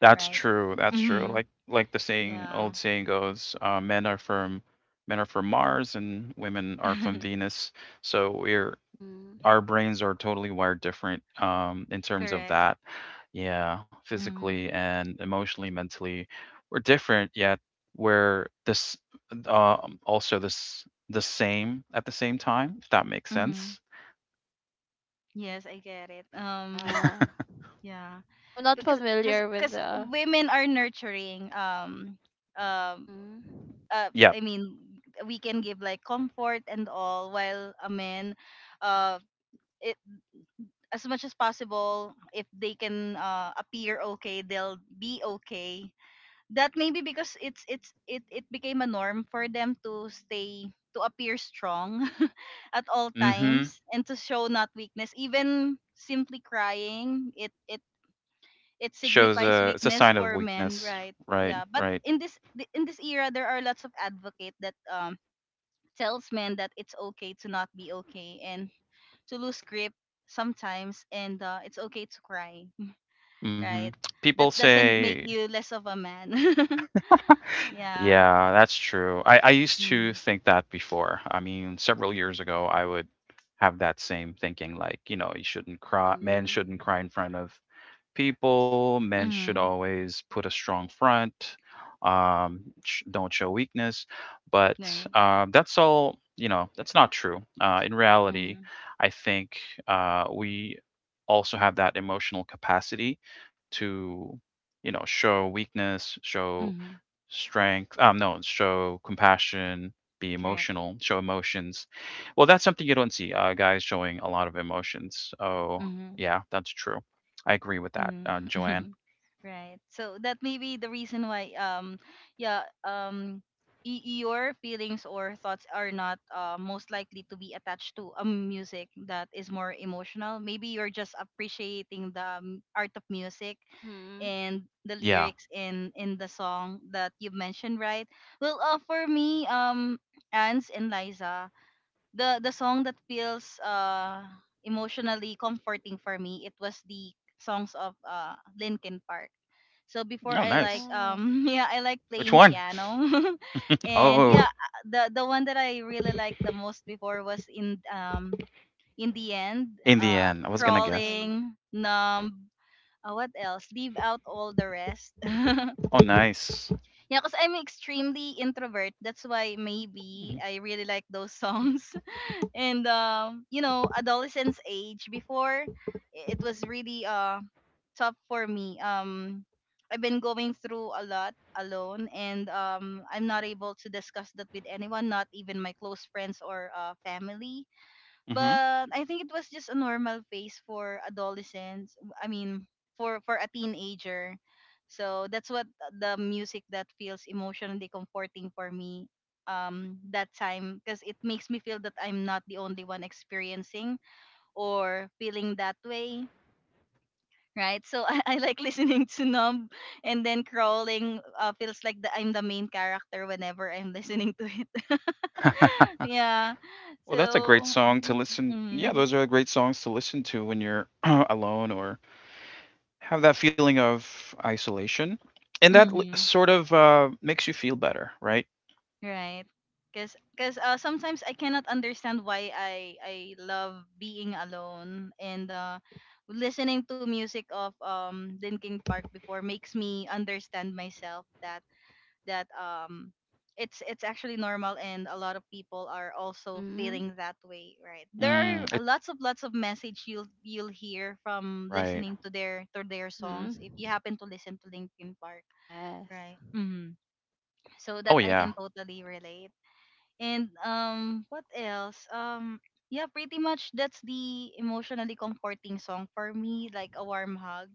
S3: That's
S1: Right.
S3: true, that's true.
S1: Hmm.
S3: Like the saying old
S1: Yeah.
S3: saying goes, men are from Mars and women are from Venus. So we're
S2: Mhm.
S3: our brains are totally wired different in terms of
S1: Correct.
S3: that. Yeah, physically
S1: Mm-hmm.
S3: and emotionally, mentally, we're different. Yet we're this also this the same at the same time. If that makes
S1: Hmm,
S3: sense.
S1: yes, I get it.
S2: Yeah.
S1: Yeah
S2: I'm not
S1: because
S2: familiar with the.
S1: women are nurturing, um
S2: Mhm.
S3: Yep.
S1: I mean we can give like comfort and all, while a man, uh it as much as possible, if they can appear okay, they'll be okay. That maybe because it it became a norm for them to appear strong at all
S3: Mm-hmm.
S1: times, and to show not weakness. Even simply crying, it
S3: Shows
S1: signifies
S3: a It's a
S1: weakness
S3: sign of
S1: for men,
S3: weakness.
S1: right?
S3: Right.
S1: Yeah, but
S3: Right.
S1: in this in this era, there are lots of advocate that tells men that it's okay to not be okay and to lose grip sometimes, and it's okay to cry,
S3: Mhm.
S1: right?
S3: People
S1: That doesn't make
S3: say
S1: you less of a man. Yeah.
S3: yeah, that's true. I used
S1: Mm-hmm.
S3: to think that before. I mean, several years ago, I would have that same thinking, like, you know, you shouldn't cry, men shouldn't
S2: Mhm.
S3: cry in front of people, men should
S1: Mm-hmm.
S3: always put a strong front, don't show weakness. But
S1: Right.
S3: that's all, you know, that's not true. In reality,
S1: Mm-hmm.
S3: I think we also have that emotional capacity to, you know, show weakness, show
S1: Mm-hmm.
S3: strength no, show compassion, be
S1: Correct.
S3: emotional, show emotions. Well, that's something you don't see guys showing a lot of emotions. Oh,
S1: Mm-hmm.
S3: yeah, that's true. I agree with that,
S1: Mm-hmm.
S3: Joanne.
S1: Right. So that may be the reason why yeah um your feelings or thoughts are not most likely to be attached to a music that is more emotional. Maybe you're just appreciating the art of music
S2: Mhm.
S1: and the
S3: Yeah.
S1: lyrics in the song that you mentioned, right? Well, for me, Ans and Liza, the song that feels emotionally comforting for me, it was the songs of Linkin Park. So
S3: Oh,
S1: before, I like
S3: nice.
S2: Yeah.
S1: yeah, I like
S3: Which
S1: playing
S3: one?
S1: piano. And
S3: Oh,
S1: yeah, the one that I really liked the most before was In the End,
S3: in the end, I was gonna guess.
S2: Yeah.
S1: Crawling, Numb, what else, Leave Out All the Rest.
S3: Oh, nice.
S1: Yeah, because I'm extremely introvert, that's why maybe
S3: Mhm.
S1: I really like those songs. And you know, adolescence age before, it was really tough for me. I've been going through a lot alone, and I'm not able to discuss that with anyone, not even my close friends or family.
S3: Mm-hmm.
S1: But I think it was just a normal phase for adolescents. I mean, for a teenager. So that's what, the music that feels emotionally comforting for me that time, because it makes me feel that I'm not the only one experiencing or feeling that way. Right, so I like listening to Numb, and then Crawling feels like I'm the main character whenever I'm listening to it. Yeah,
S3: Well, that's a great
S1: so
S3: song to listen. Yeah,
S1: mm,
S3: those are great songs to listen to when you're alone or have that feeling of isolation, and that
S1: mm-hmm.
S3: sort of makes you feel better, right?
S1: Right. Because cause, cause sometimes I cannot understand why I love being alone, and listening to music of Linkin Park before makes me understand myself that that um it's actually normal, and a lot of people are also
S2: Mhm.
S1: feeling that way, right? There
S3: Mm,
S1: are a
S3: it,
S1: lots of message you'll hear from
S3: right.
S1: listening to their songs,
S2: Mhm.
S1: if you happen to listen to Linkin Park,
S2: Yes.
S1: right. Mm-hmm. So
S3: Oh
S1: that I
S2: Yeah.
S3: yeah.
S1: can totally relate. And what else? Yeah, pretty much that's the emotionally comforting song for me, like a warm hug.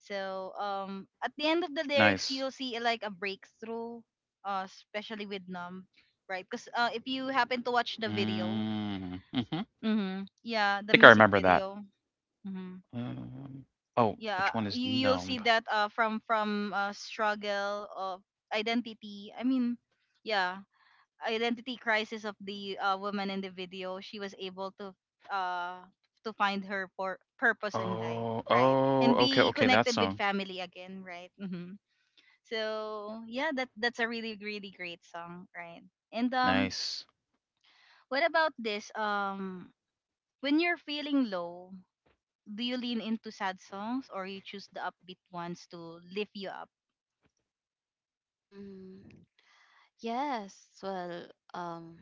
S1: So at the end of the lyrics,
S3: Nice.
S1: you'll see like a breakthrough, especially with Numb, right? Because if you happen to watch the video,
S3: Mm, hmm I
S1: mm-hmm, yeah, the
S3: think I
S1: music
S3: remember that.
S1: video, mm-hmm,
S3: Um, oh,
S1: yeah,
S3: which one is
S1: you you'll
S3: numb?
S1: see that from struggle of identity. I mean, yeah, identity crisis of the woman in the video, she was able uh to find her purpose in life,
S3: Oh,
S1: right?
S3: oh,
S1: And
S3: okay,
S1: be
S3: okay, that
S1: connected with
S3: song.
S1: family again, right? Hmm. So yeah, that that's a really really great song, right? And
S3: Nice.
S1: what about this? When you're feeling low, do you lean into sad songs, or you choose the upbeat ones to lift you up?
S2: Mm. Yes. Well, um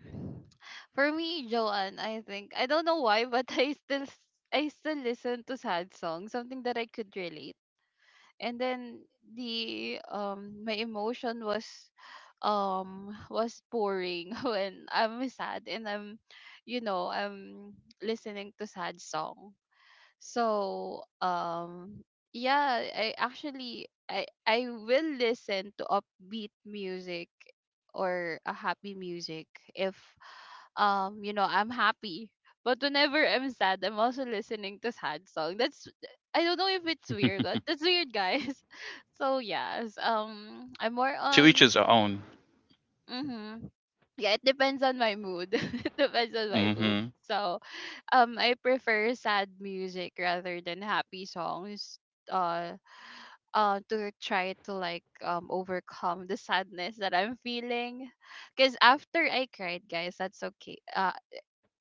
S2: for me, Joanne, I think I don't know why, but I still listen to sad songs, something that I could relate, and then the my emotion was was pouring when I'm sad and I'm you know I'm listening to sad song. So, yeah, I actually I will listen to upbeat music or a happy music if, you know, I'm happy. But whenever I'm sad, I'm also listening to sad song. That's, I don't know if it's weird, but that's weird, guys. So yes, I'm more
S3: To each
S2: on.
S3: his own.
S2: Mm-hmm. Yeah, it depends on my mood. It depends on my mood.
S3: Hmm
S2: So I prefer sad music rather than happy songs, uh to try to like overcome the sadness that I'm feeling. Cuz after I cried, guys, that's okay.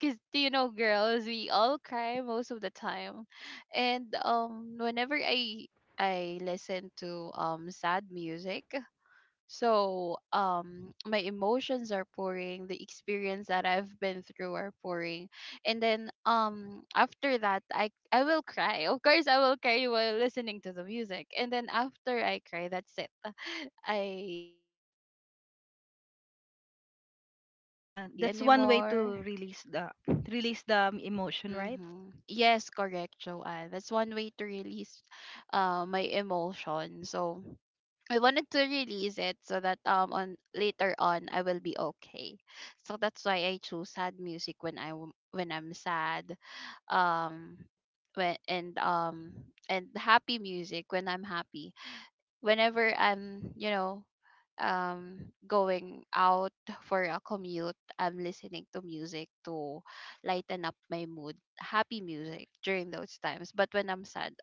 S2: Cuz you know, girls, we all cry most of the time. And whenever I listen to sad music, so, my emotions are pouring, the experience that I've been through are pouring. And then, after that, I will cry. Of course, I will cry while listening to the music. And then after I cry, that's it. I anymore.
S1: Yeah, that's one way to release the emotion, right?
S2: Mhm. Yes, correct, Joanne. That's one way to release, my emotion. So, I wanted to release it, so that on later on I will be okay. So that's why I choose sad music when I'm sad. Um when and happy music when I'm happy, whenever I'm, you know, um going out for a commute, I'm listening to music to lighten up my mood, happy music during those times. But when I'm sad,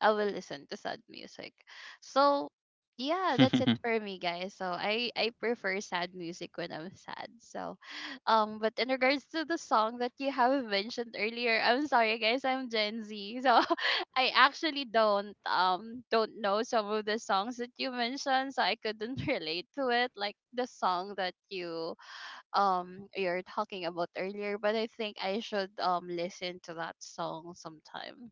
S2: I will listen to sad music. So yeah, that's it for me, guys. So I prefer sad music when I'm sad. So um, but in regards to the song that you have mentioned earlier, I'm sorry guys, I'm Gen Z. So I actually don't know some of the songs that you mentioned, so I couldn't relate to it. Like the song that you're talking about earlier, but I think I should listen to that song sometime.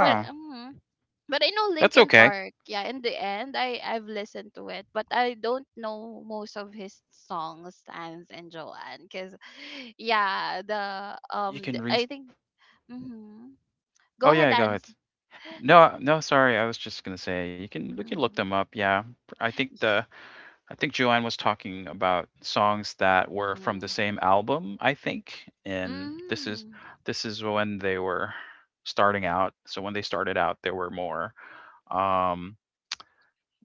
S2: But um, but I know
S3: that's
S2: Linkin
S3: okay.
S2: Park. Yeah, in the end, I I've listened to it, but I don't know most of his songs, Stans and Joanne, because yeah,
S3: You can re.
S2: I think. Mm-hmm. Go
S3: Oh
S2: ahead,
S3: yeah, go
S2: and.
S3: ahead. No, no, sorry. I was just gonna say you can we can look them
S2: Mm-hmm.
S3: up. Yeah, I think the I think Joanne was talking about songs that were from the
S2: Yeah.
S3: same album, I think, and
S2: Mm.
S3: this is when they were starting out. So when they started out, there were more. Um,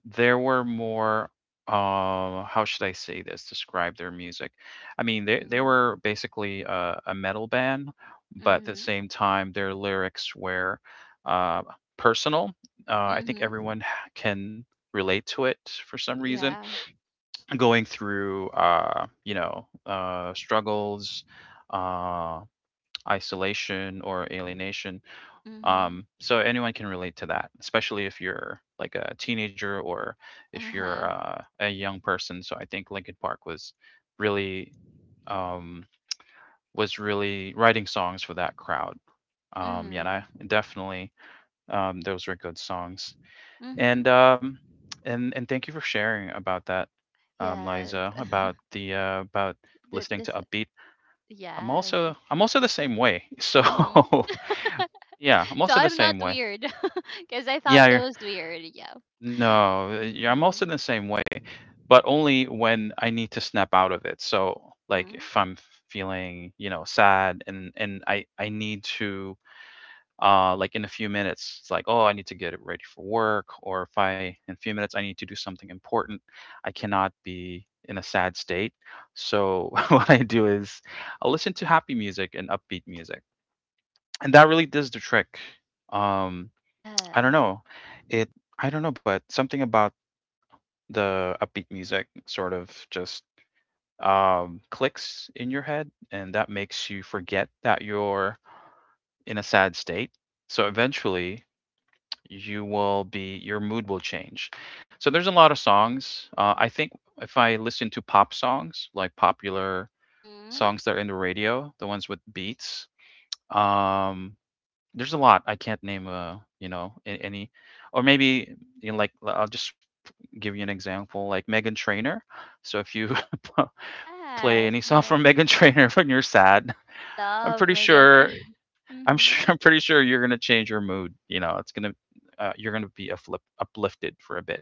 S3: there were more. How should I say this? Describe their music. I mean, they
S2: Mm.
S3: were basically a metal band, but at the
S2: Mhm.
S3: same time, their lyrics were uh, personal. I think
S2: Mhm.
S3: can relate to it for some reason,
S2: Yeah.
S3: going through you know, struggles, uh, isolation or alienation,
S2: Mhm.
S3: so anyone can relate to that, especially if you're like a teenager or if you're
S2: Uh-huh.
S3: a young person. So I think Linkin Park was really, um, was really writing songs for that crowd. Yeah, and I
S2: Mhm.
S3: definitely, those were good songs, and
S2: Mhm.
S3: um, and thank you for sharing about that,
S2: Yes.
S3: Liza, about the about
S2: Th-
S3: listening to
S2: this
S3: upbeat. I'm
S2: yes.
S3: also, I'm also the same way. So
S2: Mhm.
S3: yeah, I'm
S2: So
S3: also the
S2: I'm not
S3: same way.
S2: weird. Because I thought
S3: Yeah,
S2: that
S3: you're,
S2: was weird. Yeah.
S3: no, yeah, I'm also the
S2: Mhm.
S3: same way, but only when I need to snap out of it. So like
S2: Mhm.
S3: if I'm feeling, you know, sad and I need to, like in a few minutes. It's like, oh, I need to get it ready for work, or if I, in a few minutes, I need to do something important. I cannot be in a sad state. So what I do is I'll listen to happy music and upbeat music. And that really does the trick. Um, I don't
S2: Yes.
S3: know. It, I don't know, but something about the upbeat music sort of just clicks in your head and that makes you forget that you're in a sad state. So eventually your mood will change. So there's a lot of songs. I think if I listen to pop songs, like popular
S2: Mhm.
S3: songs that are in the radio, the ones with beats, um, there's a lot. I can't name a you know a- any, or maybe, you know, like I'll just give you an example, like Megan Trainor. So if you play
S2: Yes.
S3: any song from
S2: Yes.
S3: Megan Trainor when you're sad,
S2: I
S3: I'm
S2: love
S3: pretty
S2: Megan Trainor.
S3: sure I'm
S2: Mhm.
S3: sure I'm pretty sure you're gonna change your mood, you know, it's gonna, you're gonna be afflip uplifted for a bit.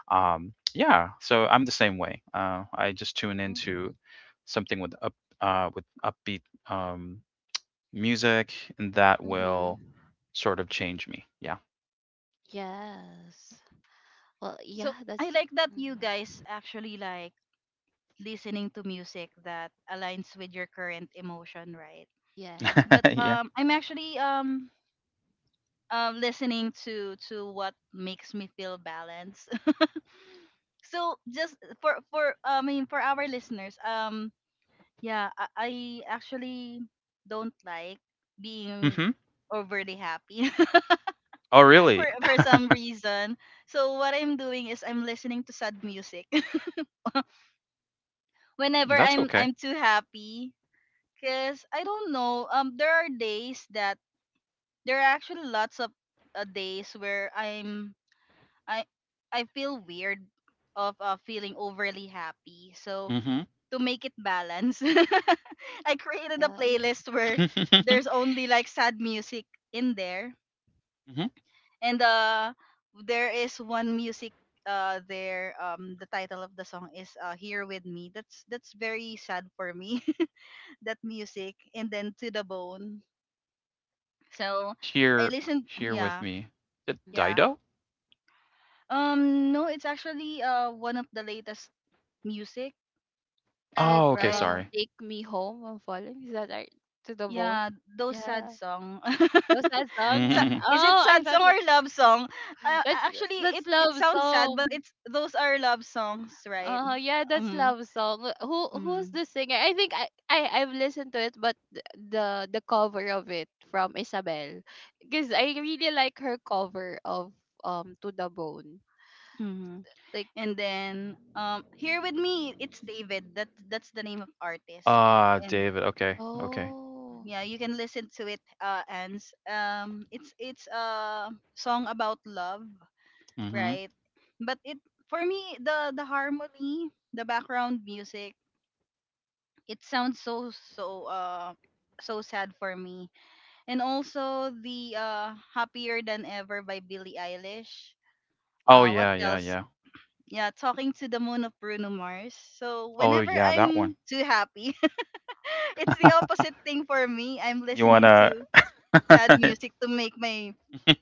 S3: Yeah, so I'm the same way. I just tune into
S2: Mhm.
S3: something with up with upbeat um, music, and that
S2: Mhm.
S3: will sort of change me. Yeah,
S2: Yes. Well,
S1: So
S2: yeah, that's.
S1: I like that you
S2: Mm,
S1: guys actually like listening to music that aligns with your current emotion, right? But
S2: yes.
S3: yeah.
S1: I'm actually listening to what makes me feel balanced. So just for, I mean, for our listeners, yeah, I actually don't like being
S3: hmm
S1: overly happy
S3: Oh,
S1: for
S3: really?
S1: for some reason. So what I'm doing is I'm listening to sad music. Whenever
S3: That's
S1: I'm
S3: okay.
S1: I'm too happy. Because, I don't know, there are actually lots of days where I I feel weird of feeling overly happy. So
S3: hmm
S1: to make it balance, I created a
S2: Yeah.
S1: playlist where
S3: hmm
S1: there's only like sad music in there, and there is one music the title of the song is Here With Me. That's very sad for me, that music, and then To The Bone. So I
S3: Here,
S1: listened,
S3: here with
S1: yeah,
S3: me. Is it
S2: Mhm.
S1: yeah.
S3: Dido?
S1: No, it's actually one of the latest music,
S2: The one that
S3: Oh, okay.
S1: right?
S3: Sorry.
S2: take me home and falling. Is that right? To the bone.
S1: Yeah, those sad
S2: Yeah.
S1: song.
S2: Was that song?
S1: Is it
S2: Oh, I
S1: sad
S2: thought
S1: song
S2: that,
S1: or love song?
S2: that's
S1: Actually
S2: that's
S1: it
S2: love
S1: sounds sad but
S2: song.
S1: it's those are love songs, right?
S2: Uh, yeah, that's
S1: Um
S2: love song. Who who's
S1: mm,
S2: the singer? I think I I've listened to it, but the cover of it from Isabel, because I really like her cover of to the bone.
S1: mhm.
S2: Like
S1: And then Here With Me, it's David. That's the name of artist.
S3: Ah,
S1: And
S3: David. Okay, okay.
S2: oh,
S1: yeah, you can listen to it and it's a song about love,
S3: Mhm.
S1: right? But it, for me, the harmony, the background music, it sounds so so sad for me. And also the Happier Than Ever by Billie Eilish.
S3: Oh,
S1: What
S3: yeah, yeah,
S1: else?
S3: yeah.
S1: Yeah, Talking To The Moon of Bruno Mars. So
S3: Oh,
S1: whenever
S3: yeah, that
S1: I'm
S3: one.
S1: too happy, it's the opposite thing for me, I'm
S3: You
S1: listening
S3: wanna
S1: to sad music to make my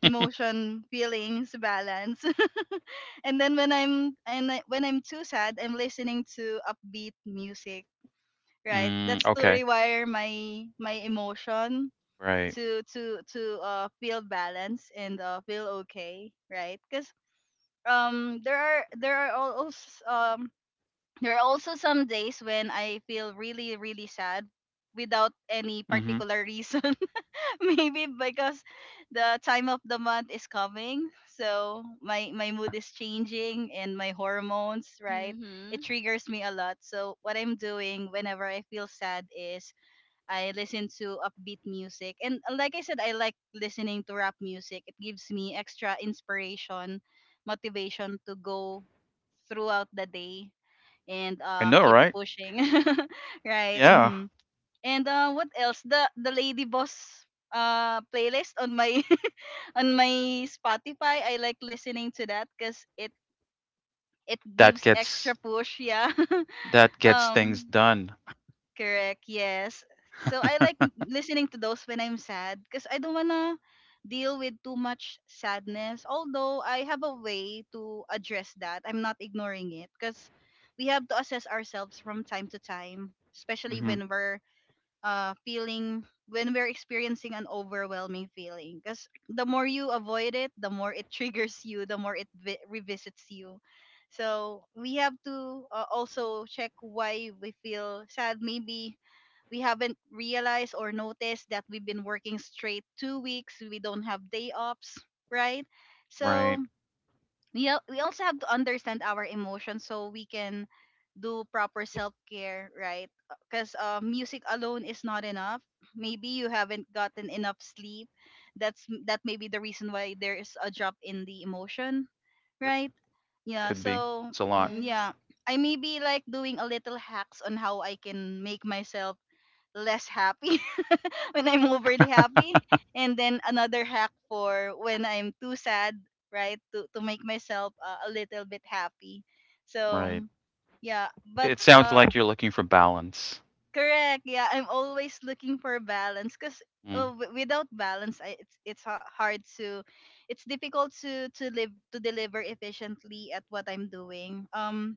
S1: emotion feelings balance. And then when I'm too sad, I'm listening to upbeat music, right?
S3: Mm,
S1: That's to
S3: okay.
S1: rewire my emotion,
S3: Right.
S1: to feel balanced and feel okay, right? Because um there are there are also um there are also some days when I feel really really sad without any
S3: Mhm.
S1: particular reason. Maybe because the time of the month is coming, so my mood is changing and my hormones, right? It
S2: mm-hmm.
S1: triggers me a lot. So what I'm doing whenever I feel sad is I listen to upbeat music, and like I said, I like listening to rap music. It gives me extra inspiration, motivation to go throughout the day and
S3: I know,
S1: keep
S3: right?
S1: pushing, right?
S3: Yeah.
S1: Mhm. And what else? The Lady Boss playlist on my on my Spotify. I like listening to that because it
S3: That
S1: gives
S3: gets,
S1: extra push. Yeah.
S3: that gets things
S1: um.
S3: done.
S1: Correct. Yes. So I like listening to those when I'm sad because I don't wanna deal with too much sadness. Although I have a way to address that. I'm not ignoring it because we have to assess ourselves from time to time, especially
S3: Mhm.
S1: when we're feeling when we're experiencing an overwhelming feeling, because the more you avoid it, the more it triggers you, the more it revisits you. So we have to also check why we feel sad. Maybe we haven't realized or noticed that we've been working straight 2 weeks, we don't have day ops, right? So
S3: Right.
S1: we also have to understand our emotions so we can do proper self care, right? Because music alone is not enough. Maybe you haven't gotten enough sleep. That may be the reason why there is a drop in the emotion,
S3: Yep.
S1: right? Yeah.
S3: Could be.
S1: So
S3: It's a lot.
S2: Yes.
S1: yeah, I may be like doing a little hacks on how I can make myself less happy when I'm overly happy. And then another hack for when I'm too sad, right? To make myself a little bit happy. So
S3: Right.
S1: yeah, but
S3: It sounds like you're looking for balance.
S1: correct. Yeah, I'm always looking for balance cuz
S3: Mm.
S1: without balance, it's difficult to live, to deliver efficiently at what I'm doing.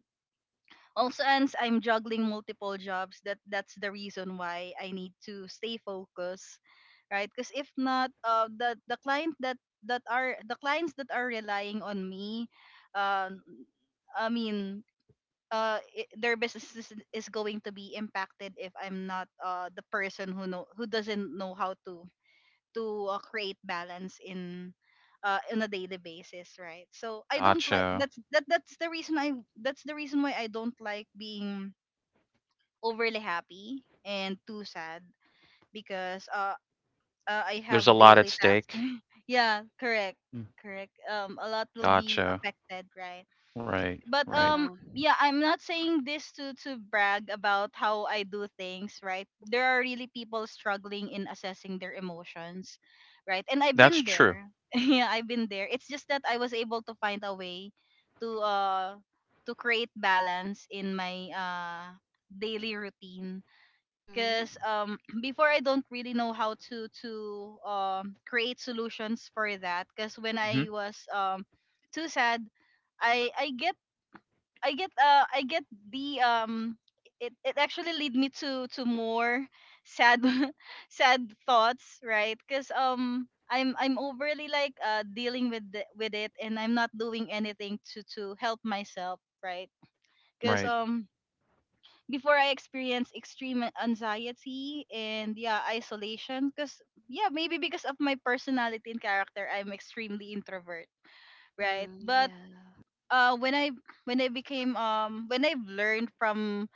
S1: Also ends I'm juggling multiple jobs. That's the reason why I need to stay focused, right? Because if not, the clients that are relying on me, uh, I mean, I their business is going to be impacted if I'm not the person who doesn't know how to create balance in on a daily basis, right? So I don't like
S3: Gotcha.
S1: that's that that's the reason I that's the reason why I don't like being overly happy and too sad, because I
S3: There's a
S1: have
S3: lot at
S1: daily task.
S3: stake.
S1: Yeah, correct.
S3: Mm.
S1: Correct. A lot will be
S3: Gotcha.
S1: affected, right?
S3: Right.
S1: But
S3: Right.
S2: Yeah.
S1: yeah, I'm not saying this to brag about how I do things, right? There are really people struggling in assessing their emotions, right? And I've
S3: That's
S1: been
S3: true.
S1: there. Yeah, I've been there. It's just that I was able to find a way to uh to create balance in my daily routine,
S2: Mm-hmm.
S1: because before, I don't really know how to create solutions for that. Because when
S3: Mhm.
S1: I was too sad, I I get I get the it actually lead me to more sad sad thoughts, right? Because I'm overly like dealing with with it, and I'm not doing anything to help myself, right? Because
S3: Right.
S1: before, I experienced extreme anxiety and yeah, isolation. Because yeah, maybe because of my personality and character, I'm extremely introvert, right?
S2: Mm-hmm.
S1: But
S2: Yeah.
S1: uh, when I when I've learned from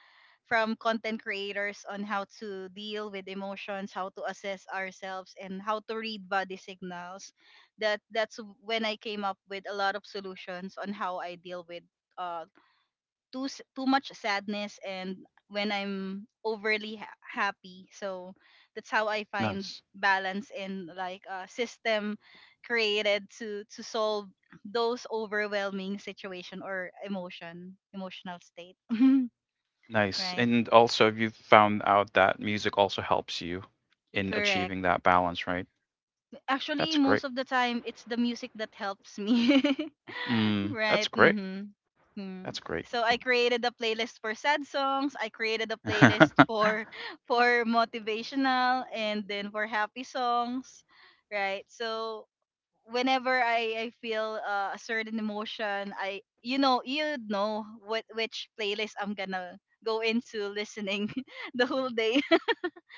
S1: from content creators on how to deal with emotions, how to assess ourselves, and how to read body signals, that's when I came up with a lot of solutions on how I deal with uh too much sadness and when I'm overly happy. So that's how I find
S3: Nice.
S1: balance, in like a system created to solve those overwhelming situation or emotional state.
S3: Nice.
S1: Right?
S3: And also, you've found out that music also helps you in
S1: Correct.
S3: achieving that balance, right?
S1: Actually,
S3: That's great.
S1: most of the time it's the music that helps me.
S3: Mm, that's
S1: Right.
S3: great.
S1: Mm-hmm.
S3: That's
S1: Mm.
S3: great.
S1: So I created a playlist for sad songs. I created a playlist for for motivational and then for happy songs. Right. So whenever I feel a certain emotion, I you know what which playlist I'm gonna go into listening the whole day.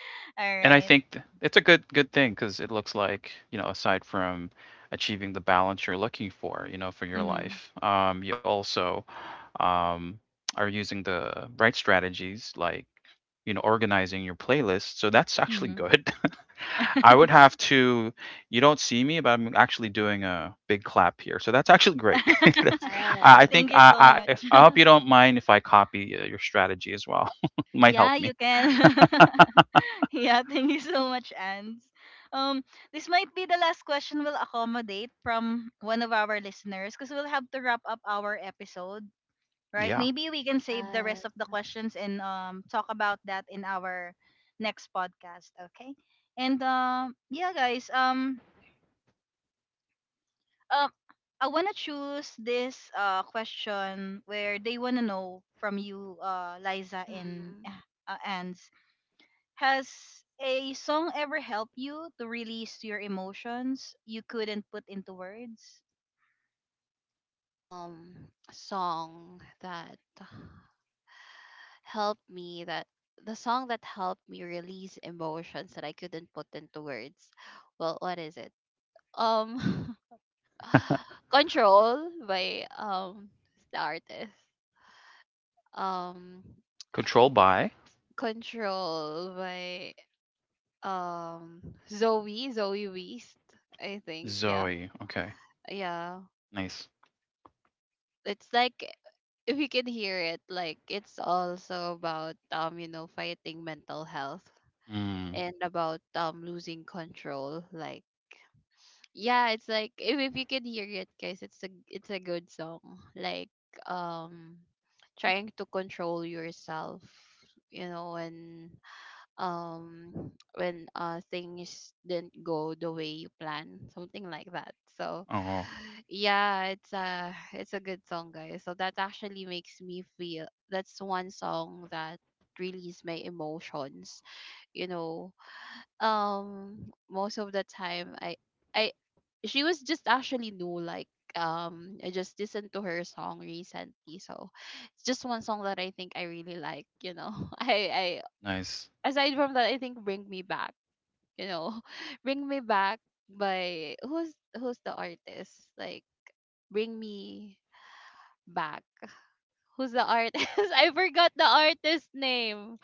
S1: All
S3: And I
S1: right.
S3: think it's a good, good thing because it looks like, you know, aside from achieving the balance you're looking for, you know, for your
S1: Mm-hmm.
S3: life, you also um, are using the right strategies, like, you know, organizing your playlist. So that's actually
S1: Mm-hmm.
S3: good. I would have to. You don't see me, but I'm actually doing a big clap here. So that's actually great. That's, I
S2: Yeah,
S1: Thank
S3: think
S1: you so
S3: I
S1: much.
S3: if- I hope you don't mind if I copy your strategy as well. Might help
S1: Yeah,
S3: me.
S1: you can. Yeah, thank you so much, Ans. Um, this might be the last question we'll accommodate from one of our listeners because we'll have to wrap up our episode, right?
S3: Yeah.
S1: Maybe we can save the
S2: yeah.
S1: rest of the questions and talk about that in our next podcast, okay? And yeah, guys, uh, I wanna choose this question where they wanna know from you, Liza, and
S2: Mm.
S1: Ans. Has a song ever helped you to release your emotions you couldn't put into words?
S2: Um, song that helped me that the song that helped me release emotions that I couldn't put into words. Well, what is it? Um, Control by the artist. Um,
S3: Control by
S2: Control by um Zoe Weist. I think. Yeah,
S3: Zoe, okay,
S2: yeah.
S3: nice.
S2: It's like, if you can hear it, like it's also about, you know, fighting mental health
S3: Mm,
S2: and about losing control. Like yeah, it's like if you can hear it, guys, it's a, it's a good song. Like um trying to control yourself, you know, when things didn't go the way you plan, something like that. So
S3: oh,
S2: yeah, it's a, it's a good song, guys. So that actually makes me feel that's one song that release my emotions. You know, most of the time I she was just actually new. Like I just listened to her song recently, so it's just one song that I think I really like. You know, I
S3: nice.
S2: I aside from that, I think "Bring Me Back." You know, "Bring Me Back" by who's the artist, like. Bring me back, who's the artist? I forgot the artist name.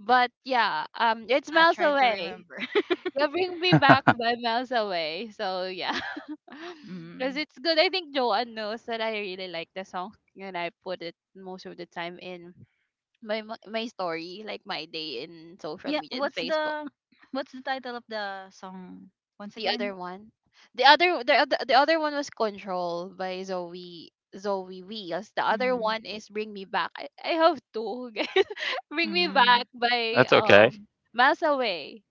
S2: But yeah, um, it's
S1: Yeah,
S2: Miles
S1: try to
S2: Away.
S1: remember.
S2: Yeah, Bring Me Back by Miles Away. So yeah. Because
S1: Mm.
S2: it's good. I think Joanne knows that I really like the song, and I put it most of the time in my story, like my day, in social
S1: Yeah,
S2: media and Facebook.
S1: what's the title of the song once
S2: The other
S1: again?
S2: one. The other one was Control by Zoe Wheels. The other
S1: Mm.
S2: one is Bring Me Back. I have two. Guys. Bring Me Back
S1: Mm.
S2: by
S3: That's okay.
S2: Miles Away.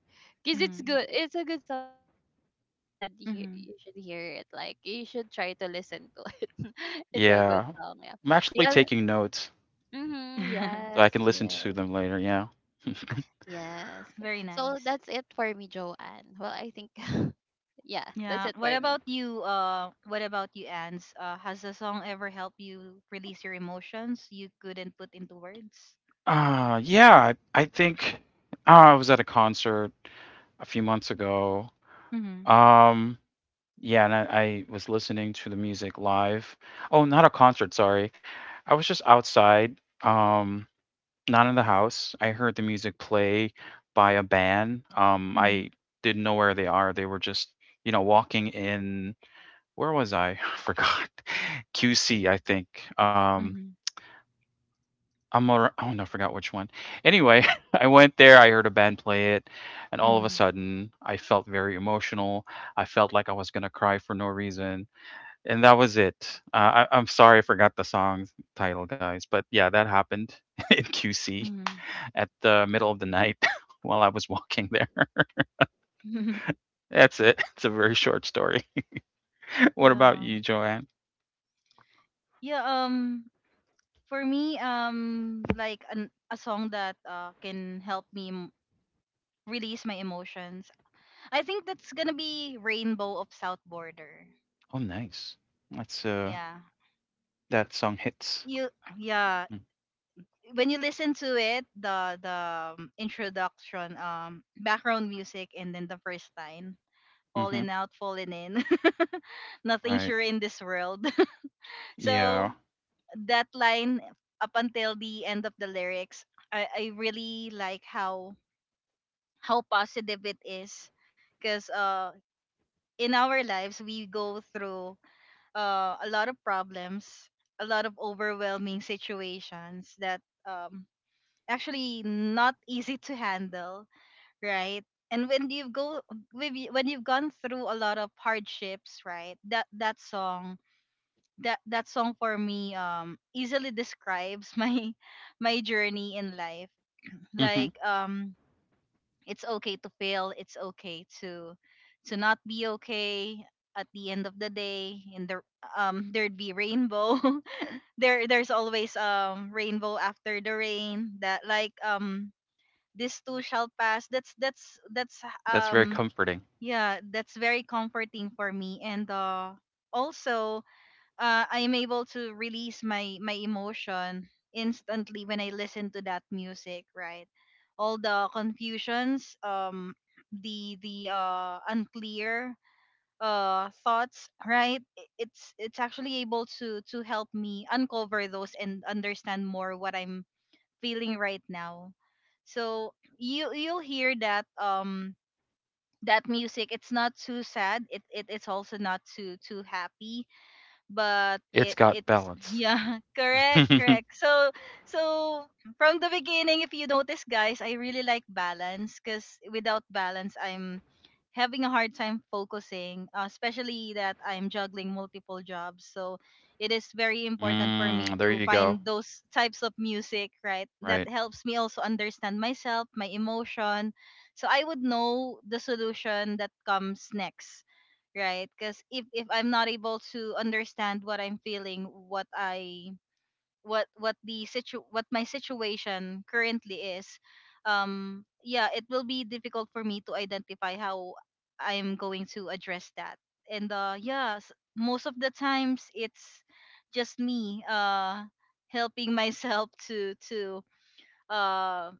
S2: Cause it's
S1: Mm.
S2: good. It's a good song, guys. You can,
S1: Mm.
S2: you should hear it. Like, you should try to listen to it. It's a good
S3: Yeah.
S2: song. Yeah.
S3: I'm actually
S2: The other.
S3: taking notes
S2: Mm-hmm,
S3: so I
S2: yes.
S3: can listen to
S2: Yes.
S3: them later, yeah.
S2: Yes.
S1: Very
S2: So
S1: nice.
S2: that's it for me, Joanne. Well, I think yeah, that's
S1: Yeah.
S2: it
S1: What
S2: for me.
S1: about you? What about you, Ans? Has the song ever helped you release your emotions you couldn't put into words?
S3: Yeah, I think I was at a concert a few months ago.
S1: Mm-hmm.
S3: Um, yeah, and I was listening to the music live. Oh, not a concert, sorry. I was just outside. Not in the house. I heard the music play by a band.
S1: Mm-hmm.
S3: I didn't know where they are. They were just, you know, walking in, where was I? I forgot. QC, I think. Oh no, I forgot which one. Anyway, I went there, I heard a band play it, and all of a
S1: Mm-hmm.
S3: sudden I felt very emotional. I felt like I was gonna cry for no reason. And that was it. I'm sorry I forgot the song title, guys, but yeah, that happened in QC
S1: Mm-hmm.
S3: at the middle of the night while I was walking there. That's it. It's a very short story. What about
S1: Yeah.
S3: you, Joanne?
S1: Yeah, for me, like a song that can help me release my emotions. I think that's going to be Rainbow of South Border.
S3: Oh, nice. That's
S1: Yeah.
S3: that song hits.
S1: You Yeah,
S3: Mm,
S1: when you listen to it, the introduction, background music, and then the first line,
S3: mm-hmm.
S1: falling out, falling in. Nothing
S3: Right.
S1: sure in this world.
S3: Yeah.
S1: So that line, up until the end of the lyrics, I really like how positive it is, because in our lives we go through a lot of problems, a lot of overwhelming situations that um actually not easy to handle, right? And when you go when you- when you've gone through a lot of hardships, right, that song for me easily describes my journey in life,
S3: Mm-hmm.
S1: like it's okay to fail, it's okay to not be okay. At the end of the day, in the there'd be rainbow. There's always rainbow after the rain, that like this too shall pass. That's
S3: That's very
S1: um
S3: comforting.
S1: yeah, that's very comforting for me. And also, I am able to release my emotion instantly when I listen to that music, right? All the confusions, the unclear thoughts, right? It's actually able to help me uncover those and understand more what I'm feeling right now. So you'll hear that that music, it's not too sad, it's also not too happy, but
S3: It's
S1: it
S3: got
S1: it's
S3: balance.
S1: yeah correct
S3: mm,
S1: correct so from the beginning, if you notice, guys, I really like balance because without balance I'm having a hard time focusing, especially that I'm juggling multiple jobs. So it is very important for me
S3: there
S1: to
S3: you go.
S1: find those types of music, right, that
S3: Right.
S1: helps me also understand myself, my emotion, so I would know the solution that comes next, right? Because if I'm not able to understand what I'm feeling, what I what the situ what my situation currently is, yeah, it will be difficult for me to identify how I'm going to address that. And yeah, most of the times it's just me helping myself uh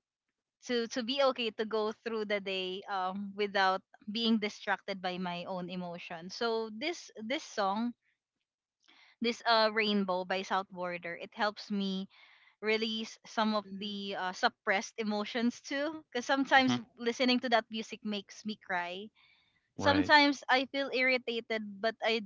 S1: to be okay, to go through the day without being distracted by my own emotion. So this song, this Rainbow by South Border, it helps me release some of
S2: Mm-hmm.
S1: the suppressed emotions too, because
S3: hmm
S1: sometimes listening to that music makes me cry.
S3: Right.
S1: Sometimes I feel irritated but I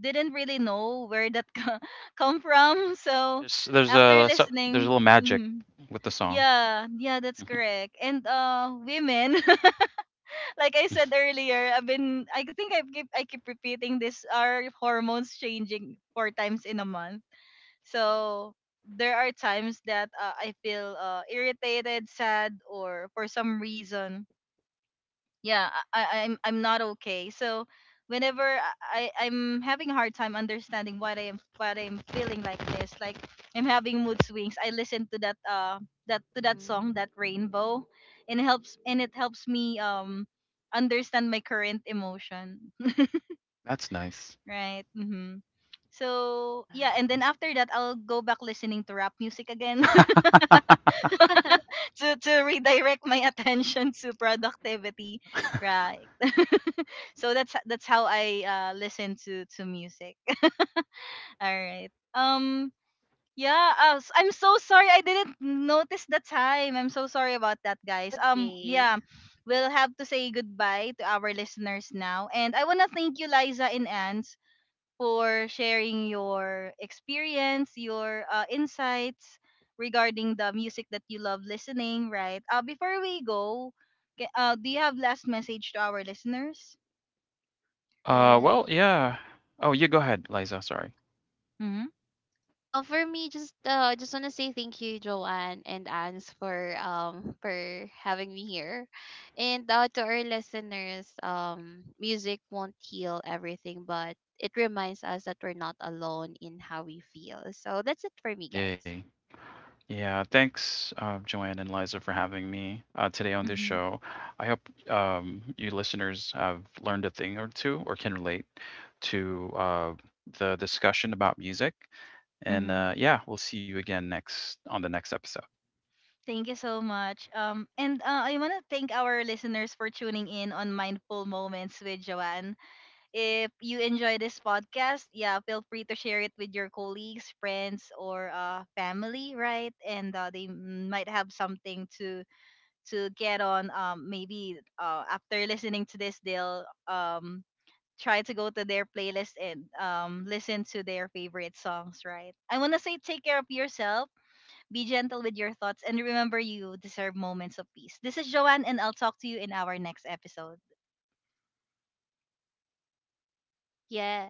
S1: didn't really know where that come from. So after
S3: There's a
S1: listening,
S3: little magic
S1: mhm.
S3: with the song.
S1: Yeah, yeah, that's
S3: Mhm.
S1: correct. And women like I said earlier, I think I keep repeating this: our hormones changing 4 times in a month. So there are times that I feel irritated, sad, or for some reason, yeah, I'm not okay. So whenever I- I'm having a hard time understanding what I'm feeling, like this, like I'm having mood swings, I listen to that that to that song,
S2: Mhm.
S1: that Rainbow, and it helps me understand my current emotion,
S3: That's nice.
S1: right. Mm-hmm. So yeah, and
S2: Yeah.
S1: then after that I'll go back listening to rap music again
S3: uh,
S1: to redirect my attention to productivity, right. So that's how I listen to music. All right. Um. Yeah. I'm so sorry. I didn't notice the time. I'm so sorry about that,
S2: It's
S1: guys.
S2: okay.
S1: Yeah. We'll have to say goodbye to our listeners now, and I wanna thank you, Liza and Ans, for sharing your experience, your insights regarding the music that you love listening. Right. Before we go, do you have last message to our listeners?
S2: Yes.
S3: well, yeah. Oh, you go ahead, Liza. Sorry.
S1: Mm-hmm.
S2: No, for me, just, just wanna say thank you, Joanne and Ans, for having me here, and, to our listeners, music won't heal everything, but it reminds us that we're not alone in how we feel. So that's it for me,
S3: Yay.
S2: guys.
S3: Yeah, thanks, Joanne and Liza, for having me today on this
S1: Mm-hmm.
S3: show. I hope you listeners have learned a thing or two or can relate to the discussion about music. And
S1: Mm-hmm.
S3: yeah, we'll see you again next on the next episode.
S1: Thank you so much. And I want to thank our listeners for tuning in on Mindful Moments with Joanne. If you enjoy this podcast, yeah, feel free to share it with your colleagues, friends, or family, right? And they might have something to get on. Maybe after listening to this, they'll try to go to their playlist and listen to their favorite songs, right? I want to say take care of yourself, be gentle with your thoughts, and remember, you deserve moments of peace. This is Joanne, and I'll talk to you in our next episode.
S2: Yeah.